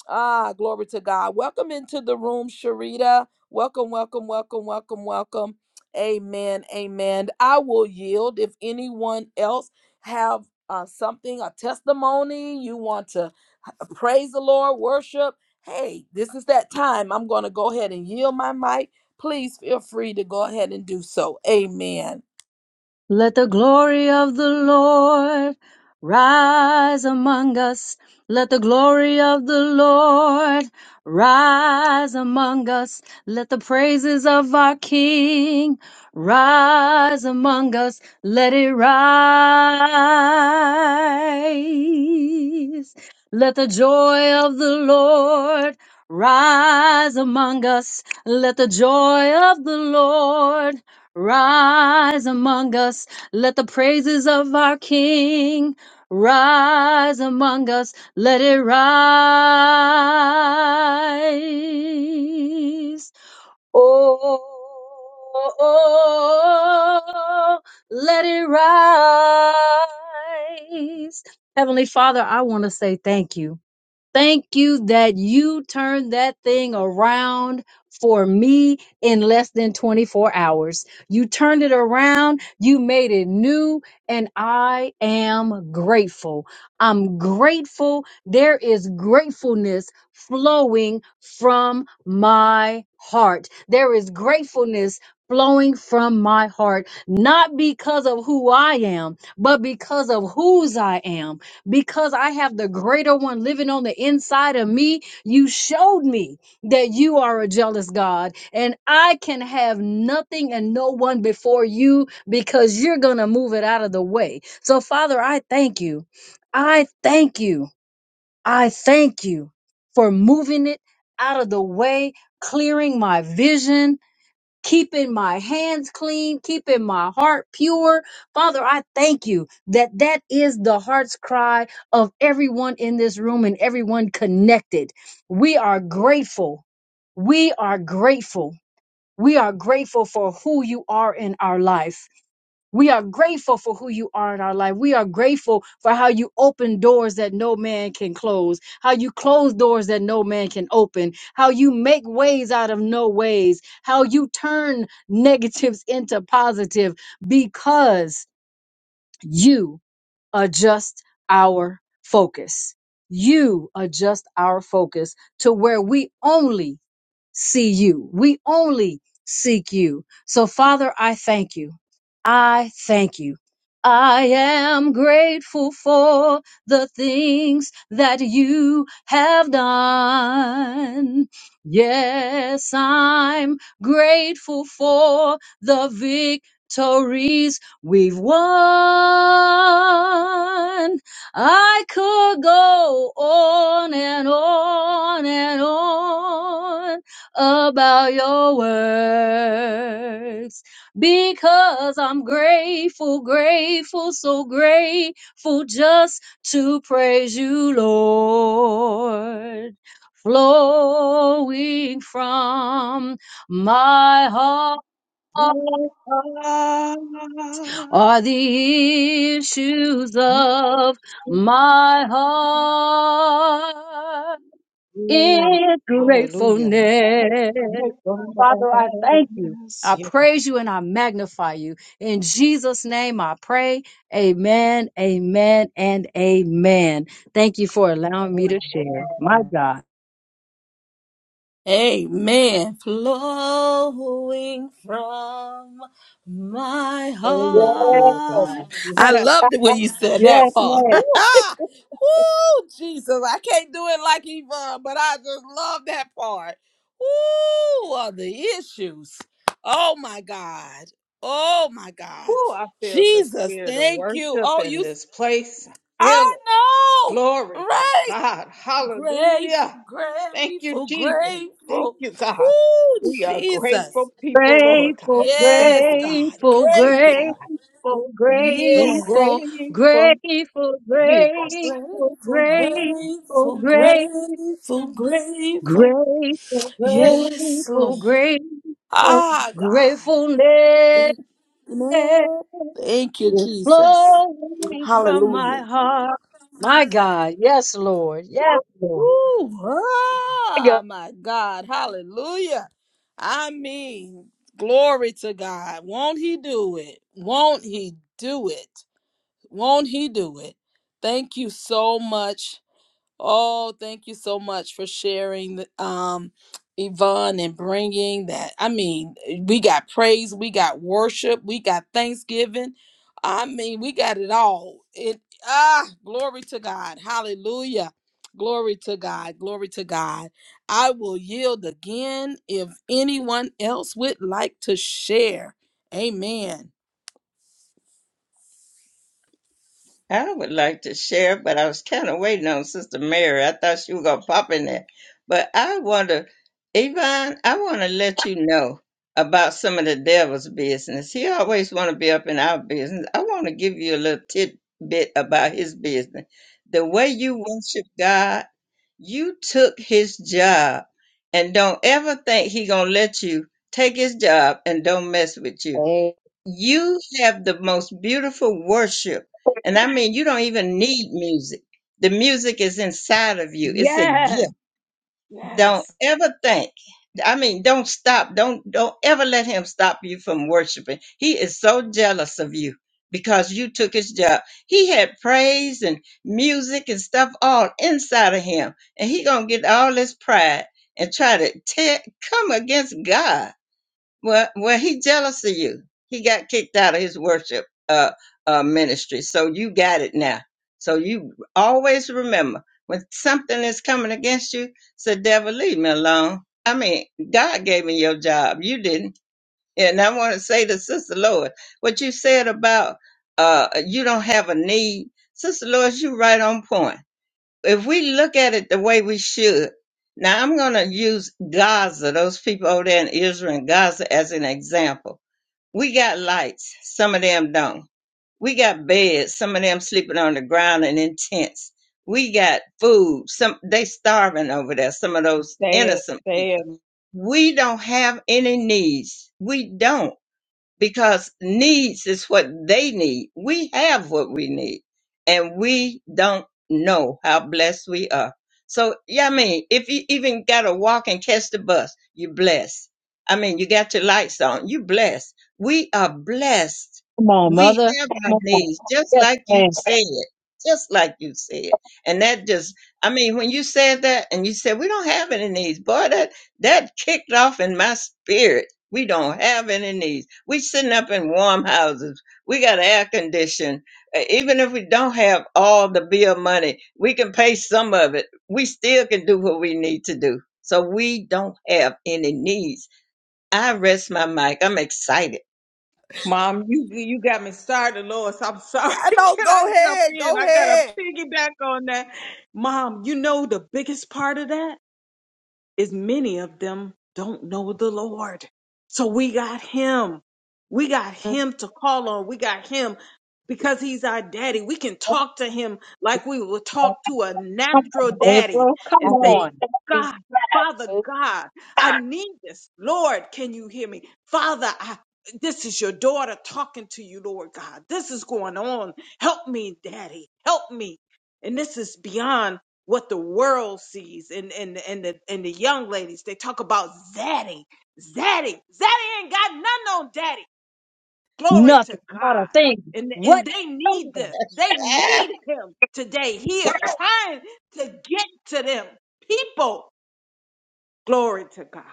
Ah, glory to God. Welcome into the room, Sharita. Welcome, welcome, welcome, welcome, welcome. Amen. Amen. I will yield if anyone else have uh, something, a testimony, you want to h- praise the Lord, worship. Hey, this is that time. I'm going to go ahead and yield my mic. Please feel free to go ahead and do so. Amen. Let the glory of the Lord rise among us. Let the glory of the Lord rise among us. Let the praises of our King rise among us. Let it rise. Let the joy of the Lord rise among us. Let the joy of the Lord Rise among us, let the praises of our King rise among us, let it rise. Oh, let it rise. Heavenly Father, I want to say thank you. Thank you that you turned that thing around for me in less than 24 hours. You turned it around, you made it new, and I am grateful. I'm grateful. There is gratefulness flowing from my heart. There is gratefulness flowing from my heart, not because of who I am, but because of whose I am because I have the greater one living on the inside of me, you showed me that you are a jealous God and I can have nothing and no one before you because you're going to move it out of the way. So, Father, I thank you. I thank you. I thank you for moving it out of the way, clearing my vision, keeping my hands clean, keeping my heart pure. Father, I thank you that that is the heart's cry of everyone in this room and everyone connected. We are grateful. We are grateful. We are grateful for who you are in our life. We are grateful for who you are in our life. We are grateful for how you open doors that no man can close, how you close doors that no man can open, how you make ways out of no ways, how you turn negatives into positive because you adjust our focus. You adjust our focus to where we only see you. We only seek you. So, Father, I thank you. I thank you. I am grateful for the things that you have done. Yes, I'm grateful for the victories we've won. I could go on and on and on about your works because I'm grateful, grateful, so grateful just to praise you, Lord. Flowing from my heart With God. are the issues Yes. of my heart in Hallelujah. gratefulness. Make Father, I thank you. us, I Yes. praise you and I magnify you. In Jesus' name I pray. Amen, amen, and amen. Thank you for allowing me to share. My God. Amen. Flowing from my Oh, yes, Lord Yes, God. heart. I Yes, loved it when Lord you said God. that yes, part. Woo, man. Woo, Jesus. I can't do it like Yvonne, but I just love that part. Woo, of the issues. Oh my God. Oh my woo, God. I feel the Jesus, spirit of thank you. worship Oh, in you, this place. I feel it. I know, Glory to right? God. Grateful, Hallelujah. Thank you, grateful, Jesus. Thank grateful. you, God. Ooh, We are Jesus. grateful people, Lord God. Grateful, Thank Yes, you, God. Jesus. grateful, Thank you, God. Grateful. grateful, So yes. grateful, grateful, grateful, Jesus. grateful, Grateful, grateful, grateful, grateful, grateful, grateful. Grateful, Yes, grateful, Lord. grateful, Ah, God. gratefulness Thank is Lord. Thank you, Jesus. flowing from my Hallelujah. heart. My God, yes, Lord, yes, Lord. Woo! My God. Ah, my God. Hallelujah. I mean, glory to God. Won't he do it? Won't he do it? Won't he do it? Thank you so much Oh, thank you so much for sharing, the- um, Yvonne, and bringing that. I mean, eh, we got praise, we got worship, we got thanksgiving. I mean, we got it all. It ah, glory to God, Hallelujah, glory to God, glory to God. I will yield again if anyone else would like to share. Amen. I would like to share, but I was kind of waiting on Sister Mary. I thought she was going to pop in there. But I want to, Yvonne, I want to let you know about some of the devil's business. He always want to be up in our business. I want to give you a little tidbit about his business. The way you worship God, you took his job and don't ever think he going to let you take his job and don't mess with you you have the most beautiful worship. And I mean, you don't even need music. The music inside of you. It's a Yes, gift. Don't yes. think. I mean, don't stop. Don't don't ever let him stop you from worshiping. He is so jealous of you because you took his job. He had praise and music and stuff all inside of him. And he gonna get all this pride and try to tear, come against God. Well, well, he jealous of you. He got kicked out of his worship uh, uh, ministry, so you got it now. So you always remember when something is coming against you, say, "Devil, leave me alone." I mean, God gave me your job. You didn't. And I want to say to Sister Lois, what you said about uh, you don't have a need, Sister Lois, you right on point if we look at it the way we should, now I'm going to use Gaza, those people over there in Israel and Gaza, as an example. We got lights, some of them don't. We got beds, some of them sleeping on the ground and in tents. We got food, some they starving over there, some of those Say it, innocent say people. it. We don't have any needs. We don't because needs is what they need. We have what we need, and we don't know how blessed we are. So, yeah, I mean, if you even got to walk and catch the bus, you're blessed. I mean, you got your lights on, you're blessed. We are blessed. Come on, We mother. have our Come on. needs, just Yes, like you man. said, just like you said. And that just, I mean, when you said that and you said, we don't have any needs, boy, that, that kicked off in my spirit. We don't have any needs we sitting up in warm houses. We got air conditioning. Uh, Even if we don't have all the bill money, we can pay some of it. We still can do what we need to do. So we don't have any needs. I rest my mic. I'm excited. Mom, you you got me started, Lois. I'm sorry. I know. Can I Go jump ahead. in? Go I gotta ahead. piggyback on that. Mom, you know the biggest part of that? is many of them don't know the Lord. So we got him. We got him to call on. We got him because he's our daddy. We can talk to him like we would talk to a Come natural on, daddy April. Come and say, on. Hey, God, Father God, I need this. Lord, can you hear me? Father, I this is your daughter talking to you, Lord God. This is going on. Help me, Daddy. Help me. And this is beyond what the world sees and and and the and the young ladies they talk about zaddy zaddy zaddy ain't got nothing on daddy glory to Nothing, not god a thing. and and What? they Come need on. this they Ah, need him today he is trying to get to them people glory to god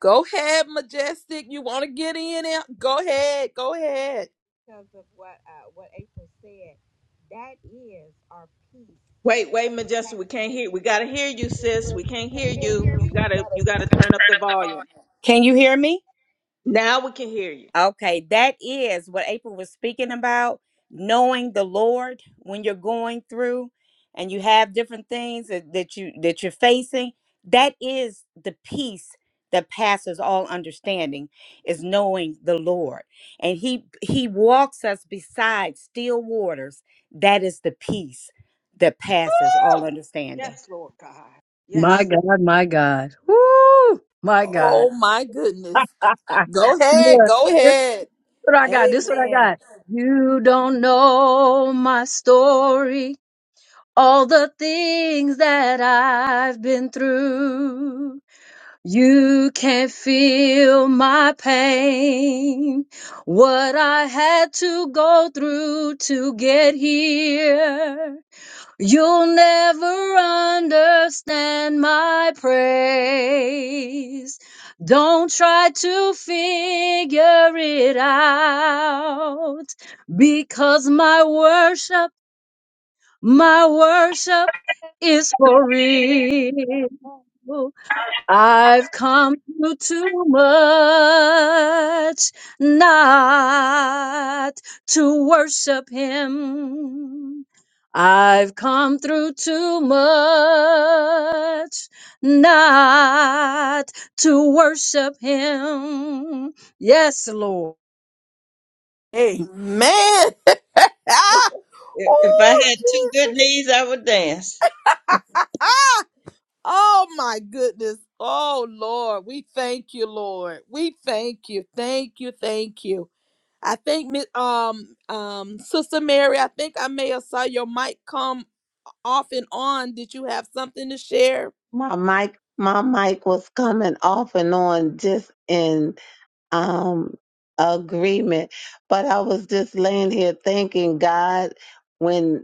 Go ahead, Majestic. You want to get in there? Go ahead. Go ahead. because of what uh, what April said. That is our peace. wait wait majestic we can't hear we gotta hear you sis we can't hear you you gotta you gotta turn up the volume Can you hear me? now we can hear you Okay, that is what April was speaking about. Knowing the Lord when you're going through and you have different things that, that you that you're facing, that is the peace that passes all understanding is knowing the Lord. And he he walks us beside still waters. That is the peace. that passes all understanding. yes lord god My yes God, my God. Woo! My God. Oh my goodness. Go ahead. Go Look. ahead. what I got. This what I Amen. got. You don't know my story, all the things that I've been through. You can't feel my pain, what I had to go through to get here. You'll never understand my praise. Don't try to figure it out because my worship, my worship is for real. I've come through too much not to worship him. I've come through too much not to worship him. Yes, Lord. Amen. if if I oh, had two good Jesus. knees, I would dance. oh my goodness. Oh Lord, we thank you, Lord. We thank you. Thank you. Thank you. I think Mi- um um Sister Mary, I think I may have saw your mic come off and on. Did you have something to share? My mic, my mic was coming off and on just in um agreement, but I was just laying here thanking God when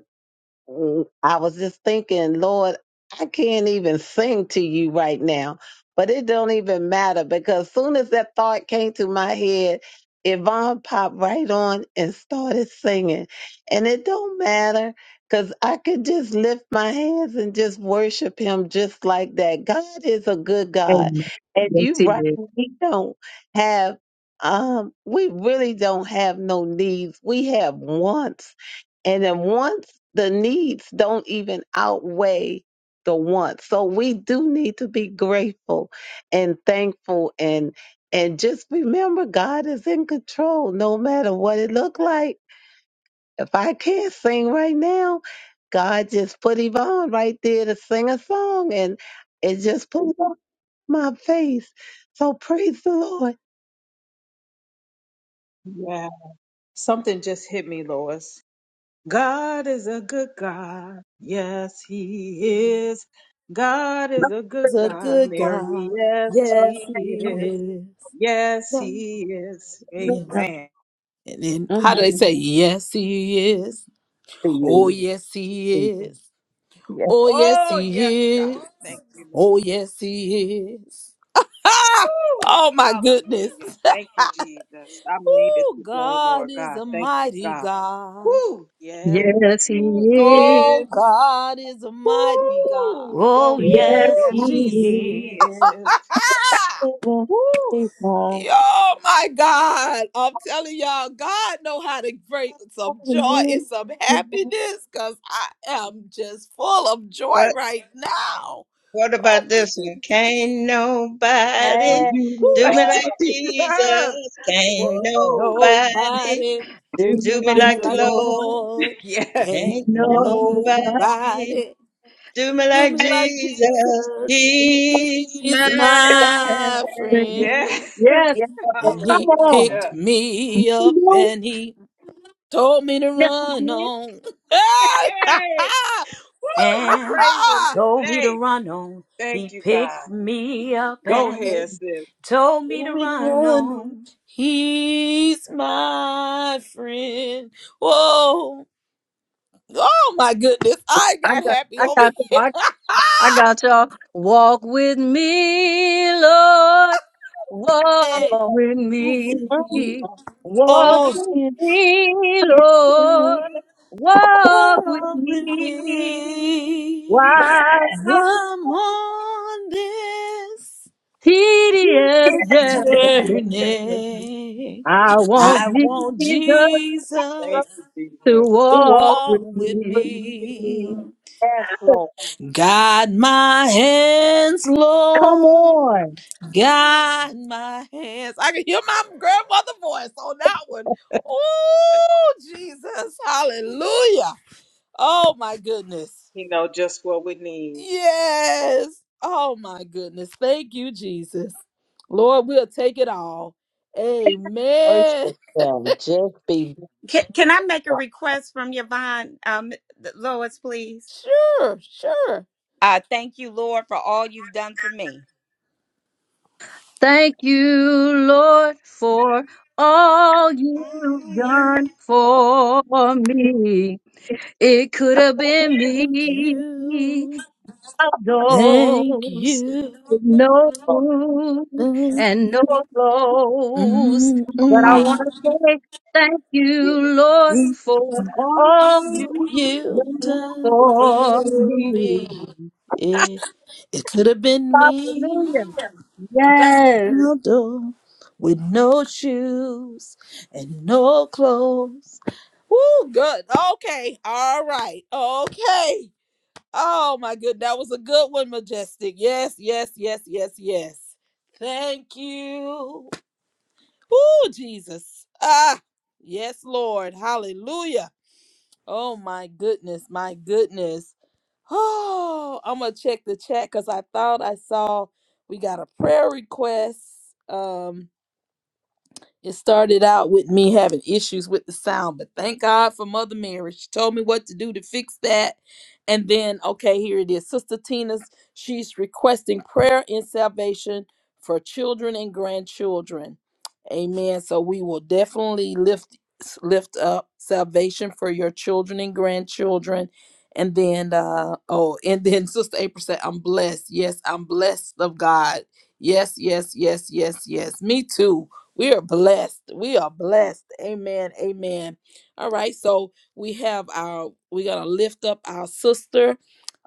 Mm, I was just thinking, Lord, I can't even sing to you right now, but it don't even matter because soon as that thought came to my head, Yvonne popped right on and started singing. And it don't matter because I could just lift my hands and just worship him just like that. God is a good God. Amen. And Yes, you he right, is. we don't have um we really don't have no needs. We have wants and then once the needs don't even outweigh the wants. So we do need to be grateful and thankful and and just remember God is in control no matter what it look like. If I can't sing right now, God just put Yvonne right there to sing a song and it just put it on my face. So praise the Lord. lord Something just hit me, Lois. God is a good God. Yes, He is. God is a good is a God, good Mary. God. Yes, Yes, He He is. is. Yes, He is. Yes. Amen. And then how do I Mhm. say? Yes, He is. To Oh, you. yes, He is. Oh, yes, Oh, yes, He God. is. Thank you, Lord. Oh, yes, He is. Ah! Woo! Oh, my goodness. Hallelujah. Thank you, Jesus. I made it Oh, today, God Lord is God. a Thank you, mighty God. God. Woo! Yes, Yes, he He Mm, is. Oh, is. God is a mighty God. Woo! Go Oh, ahead. Yes, yes, Oh, Yes, Jesus. he He is. is. Woo! Oh my God. I'm telling y'all, God know how to bring some joy and some happiness because I am just full of joy right now. What Oh about my this one? goodness. Can't Do nobody me do like Woo. me like Jesus. Jesus. Can't Can't Woo! nobody nobody Do Yeah. me do me he like do me like the the like the is. Lord. Lord. Lord. Yes. Can't Can't No, nobody nobody do me do like me like Jesus. Jesus. He's He's mine. my friend. Yes. Yes, brother. And come he on. picked Hallelujah. me up You know? and he Told me to Yes, I run did. on. Hey! Hey. Woo! We And praise him told me to today. run on. Thank He you, God. picked me up Yep, Go and ahead, baby. sis. told me to Told me to run run on. on. He's my friend. Whoa. Oh my goodness. I I got got, happy I over got the here. I, I got y'all. Walk with me, Lord. Walk hey. with When he me. Walk oh so with me, Lord. Walk with with me. me. While our I'm on this. tedious this journey, journey. I want I want Jesus Thank Jesus you, to Jesus. to walk walk with with me. me. Yes, Lord. Guide my hands, Come Lord. on. Guide my hands. I can hear my grandmother voice on that one. Oh, Jesus. Hallelujah. Oh, my goodness. He know just what we need. Yes. Oh my goodness. Thank you, Jesus. Lord, we'll take it all. Amen. Can, can I make a request from Yvonne, um, Lois, please? Sure, sure. I thank you, Lord, for all you've done for me. Thank you, Lord, for all you've done for me. It could have been Thank me you. Thank outdoors you. with no food Thank mm, and no clothes. But I Wow. mm, want to say thank Yes. you, Lord, mm. for All all you. you've you've done done for for me. me. It, it could have been Hallelujah. me. Yes. Ronaldo with no shoes and no clothes. Woo, good. Okay. All right. Okay. Oh my good. That was a good one, Majestic. Yes, yes, yes, yes, yes. Thank you. Woo, Jesus. Ah, yes, Lord. Hallelujah. Oh my goodness, my goodness. Oh, I'm gonna check the chat because I thought I saw we got a prayer request. Um, it started out with me having issues with the sound, but thank God for Mother Mary. She told me what to do to fix that. And then, okay, here it is. Sister Tina's, she's requesting prayer and salvation for children and grandchildren. Amen. So we will definitely lift lift up salvation for your children and grandchildren. And then uh oh, and then Sister April said, I'm blessed. Yes, I'm blessed of God. Yes, yes, yes, yes, yes. Me too. We are blessed. We are blessed. Amen. Amen. All right. So we have our, we're going to lift up our sister,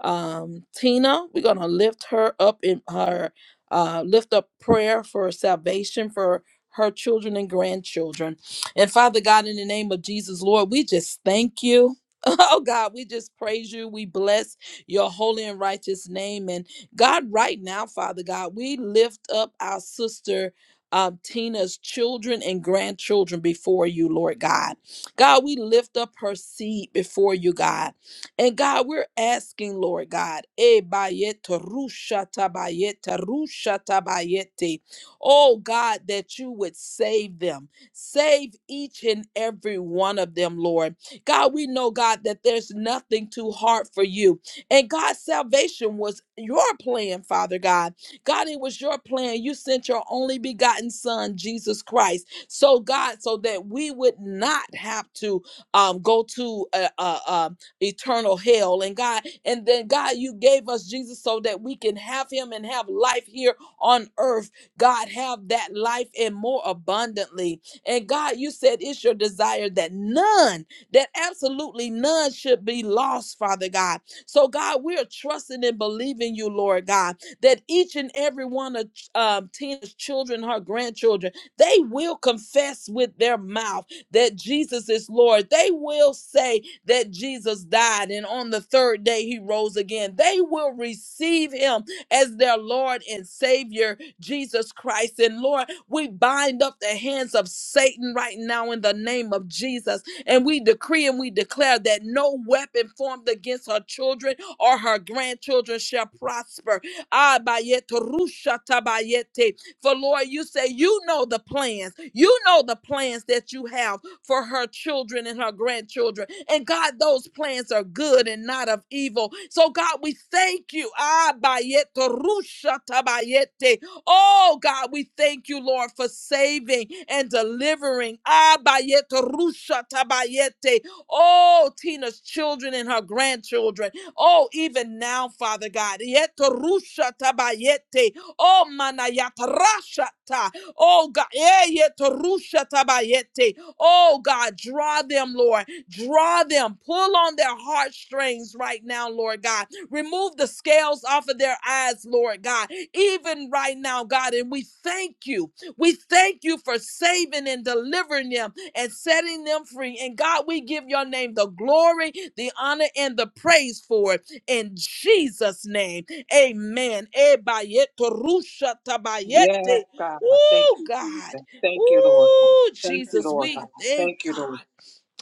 um, Tina. We're going to lift her up in her, uh, lift up prayer for salvation for her children and grandchildren. And Father God, in the name of Jesus, Lord, we just thank you. Oh God, we just praise you. We bless your holy and righteous name. And God, right now, Father God, we lift up our sister um, Tina's children and grandchildren before you, Lord God. God, we lift up her seed before you, God. And God, we're asking, Lord God, eh, bayete, rushata, bayete, rushata, bayete. oh God, that you would save them. Save each and every one of them, Lord. God, we know, God, that there's nothing too hard for you. And God, salvation was your plan, Father God. God, it was your plan. You sent your only begotten son, Jesus Christ. So, God, so that we would not have to um, go to uh, uh, uh, eternal hell. And God, and then God, you gave us Jesus so that we can have him and have life here on earth. God, have that life and more abundantly. And God, you said it's your desire that none, that absolutely none should be lost, Father God. So, God, we are trusting and believing you, Lord God that each and every one of um, Tina's children, her grandchildren, they will confess with their mouth that Jesus is Lord. They will say that Jesus died and on the third day he rose again. They will receive him as their Lord and Savior, Jesus Christ. And Lord, we bind up the hands of Satan right now in the name of Jesus. And we decree and we declare that no weapon formed against her children or her grandchildren shall prosper Ah, bayete, rusha tabayete. For Lord, you say you know the plans. You know the plans that you have for her children and her grandchildren. And God, those plans are good and not of evil. So God, we thank you. Ah, bayete, rusha tabayete. Oh God, we thank you, Lord, for saving and delivering. Ah, bayete, rusha tabayete. Oh, Tina's children and her grandchildren. Oh, even now, Father God. Yeto rusha tabayete. Oh, manayata rashata. Oh, God. Eh, yeto rusha tabayete. Oh, God. Draw them, Lord. Draw them. Pull on their heartstrings right now, Lord God. Remove the scales off of their eyes, Lord God. Even right now, God. And we thank you. We thank you for saving and delivering them and setting them free. And God, we give your name the glory, the honor, and the praise for it. In Jesus' name, amen. Ebayeto rusha Yes, tabayete. God. Thank Ooh, you, God. Jesus. Thank you, Lord God. Ooh, Thank you, Jesus, Lord we God. thank Thank you, God. Lord.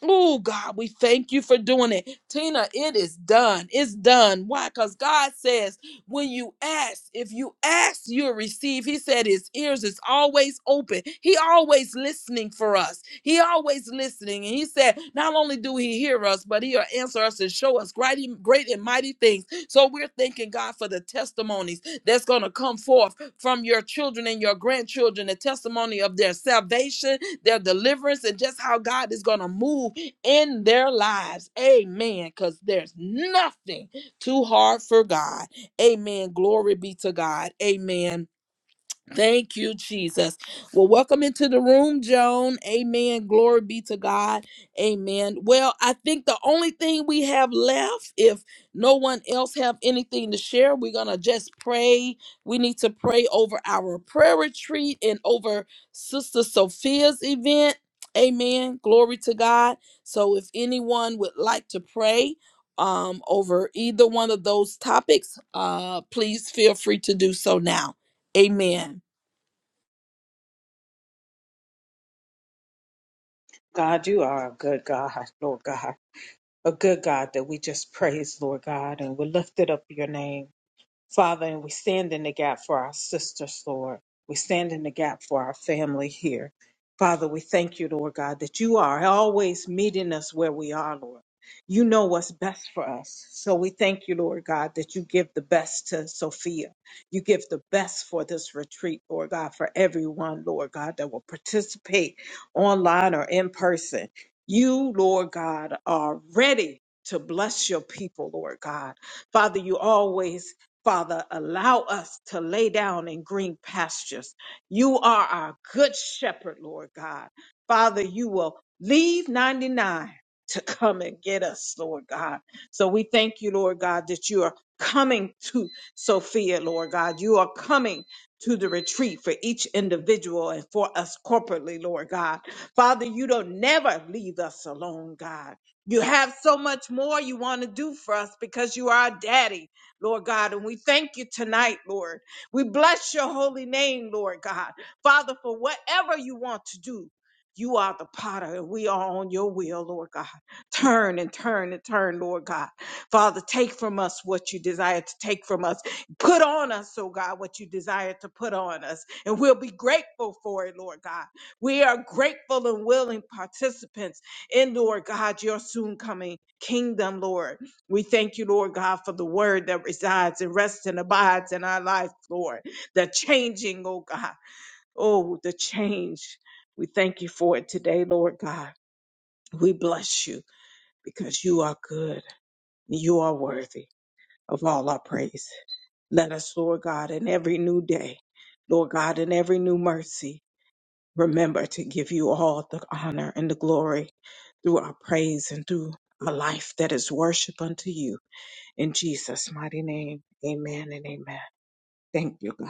Oh God, we thank you for doing it. Tina, it is done. It's done. Why? Because God says, when you ask, if you ask, you'll receive. He said his ears is always open. He always listening for us. He always listening. And he said, not only do he hear us, but he'll answer us and show us great, great and mighty things. So we're thanking God for the testimonies that's going to come forth from your children and your grandchildren, the testimony of their salvation, their deliverance, and just how God is going to move in their lives. Amen. Because there's nothing too hard for God. Amen. Glory be to God. Amen. Thank you, Jesus. Well, welcome into the room, Joan. Amen. Glory be to God. Amen. Well, I think the only thing we have left, if no one else have anything to share, we're gonna just pray. We need to pray over our prayer retreat and over Sister Sophia's event. Amen. Glory to God. So, if anyone would like to pray um, over either one of those topics, uh, please feel free to do so now. Amen. God, you are a good God, Lord God. A good God that we just praise, Lord God, and we lift it up your name. Father, and we stand in the gap for our sisters, Lord. We stand in the gap for our family here. Father, we thank you, Lord God, that you are always meeting us where we are, Lord. You know what's best for us. So we thank you, Lord God, that you give the best to Sophia. You give the best for this retreat, Lord God, for everyone, Lord God, that will participate online or in person. You, Lord God, are ready to bless your people, Lord God. Father, you always Father, allow us to lay down in green pastures. You are our good shepherd, Lord God. Father, you will leave 99 to come and get us, Lord God. So we thank you, Lord God, that you are coming to Sophia, Lord God. You are coming to the retreat for each individual and for us corporately, Lord God. Father, you don't never leave us alone, God. You have so much more you want to do for us because you are our daddy. Lord God. And we thank you tonight, Lord. We bless your holy name, Lord God. Father, for whatever you want to do. You are the potter, and we are on your will, Lord God. Turn and turn and turn, Lord God. Father, take from us what you desire to take from us. Put on us, oh God, what you desire to put on us. And we'll be grateful for it, Lord God. We are grateful and willing participants in, Lord God, your soon coming kingdom, Lord. We thank you, Lord God, for the word that resides and rests and abides in our life, Lord. The changing, oh God. Oh, the change. We thank you for it today, Lord God. We bless you because you are good. You are worthy of all our praise. Let us, Lord God, in every new day, Lord God, in every new mercy, remember to give you all the honor and the glory through our praise and through a life that is worship unto you. In Jesus' mighty name, amen and amen. Thank you, God.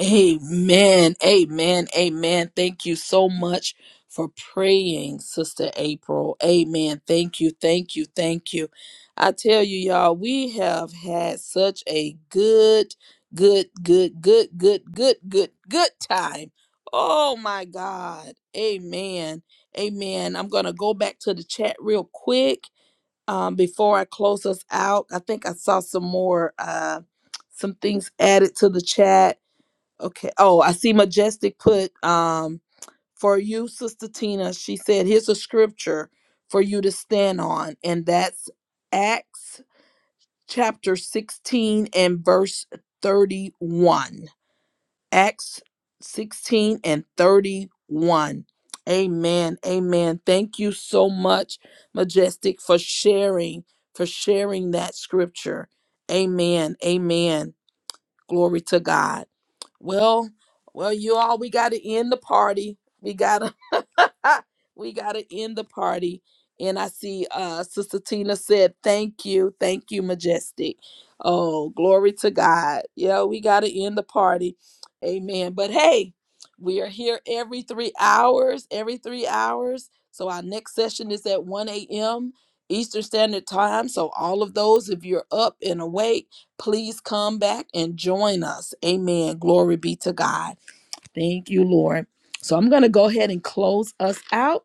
Amen. Amen. Amen. Thank you so much for praying, Sister April. Amen. Thank you. Thank you. Thank you. I tell you, y'all, we have had such a good, good, good, good, good, good, good, good time. Oh my God. Amen. Amen. I'm going to go back to the chat real quick um, before I close us out. I think I saw some more, uh, some things added to the chat Okay. Oh, I see Majestic put um for you, Sister Tina. She said, here's a scripture for you to stand on, and that's Acts chapter 16 and verse 31. Acts 16 and 31. Amen. Amen. Thank you so much, Majestic, for sharing, for sharing that scripture. Amen. Amen. Glory to God. Well, well, you all, we got to end the party. We got to we gotta end the party. And I see uh Sister Tina said, Thank you, thank you, Majestic. Oh, glory to God. Yeah, we gotta end the party. Amen. But hey, we are here every three hours, every three hours. So our next session is at 1 a.m. Eastern Standard Time. So all of those, if you're up and awake, please come back and join us. Amen. Glory be to God. Thank you, Lord. So I'm going to go ahead and close us out.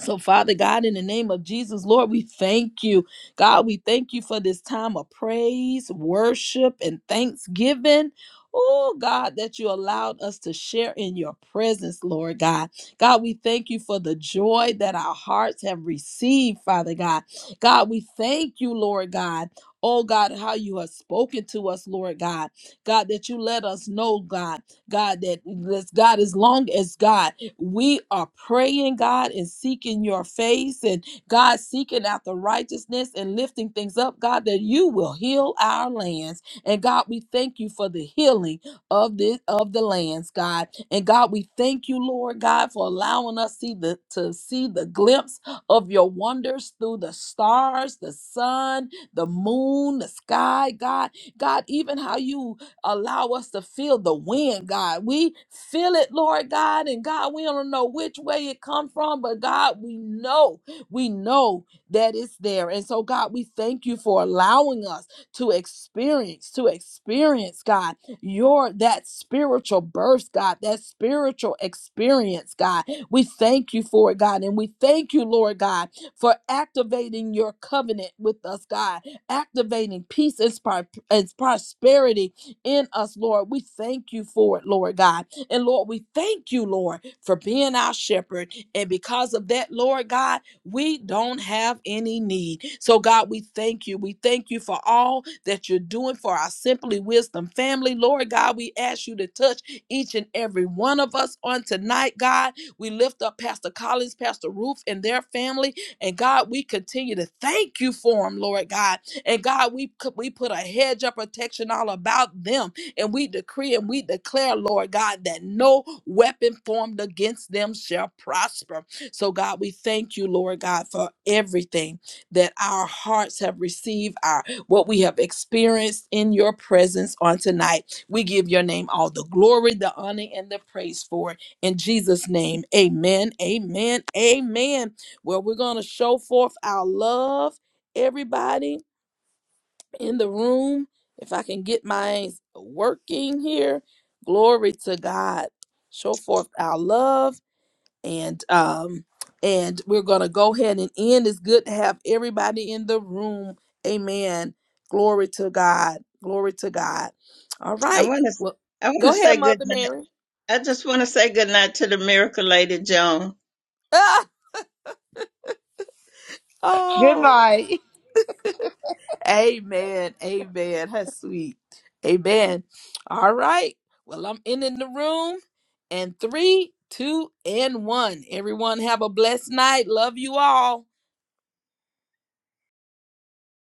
So, Father God, in the name of Jesus, Lord, we thank you. God, we thank you for this time of praise, worship, and thanksgiving. Oh, God, that you allowed us to share in your presence, Lord God. God, we thank you for the joy that our hearts have received, Father God. God, we thank you, Lord God. Oh, God, how you have spoken to us, Lord God. God, that you let us know, God. God, that, God, as long as God, we are praying, God, and seeking your face and God seeking after righteousness and lifting things up, God, that you will heal our lands. And God, we thank you for the healing of this of the lands, God. And God, we thank you, Lord God, for allowing us see the, to see the glimpse of your wonders through the stars, the sun, the moon, the sky, God. God, even how you Allow us to feel the wind, God. We feel it, Lord God. And God, we don't know which way it come from, but God, we know, we know that it's there. And so, God, we thank you for allowing us to experience, to experience, God, your that spiritual burst, God, that spiritual experience, God. We thank you for it, God. And we thank you, Lord God, for activating your covenant with us, God, activating peace and, spar- and prosperity in us, Lord. We thank you for it, Lord God. And Lord, we thank you, Lord, for being our shepherd. And because of that, Lord God, we don't have any need. So, God, we thank you. We thank you for all that you're doing for our Simply Wisdom family. Lord God, we ask you to touch each and every one of us on tonight, God. We lift up Pastor Collins, Pastor Ruth, and their family. And God, we continue to thank you for them, Lord God. And God, we we put a hedge of protection all about them, and we decree and we declare, Lord God, that no weapon formed against them shall prosper. So God, we thank you, Lord God, for everything that our hearts have received, our what we have experienced in your presence on tonight. We give your name all the glory, the honor, and the praise for it. In Jesus' name, amen, amen, amen where we're going to show forth our love. Everybody in the room, if I can get mine working here, glory to God. Show forth our love and um and we're going to go ahead and end. It's good to have everybody in the room. Amen. Glory to God. Glory to God. All I right. want to. Well, I want to go say ahead, good Mother night. Mary. I just want to say good night to the miracle lady Joan. Ah, oh. Goodbye. Amen. Amen. That's sweet. Amen. All right. Well, I'm in in the room. And three, two, and one. Everyone have a blessed night. Love you all.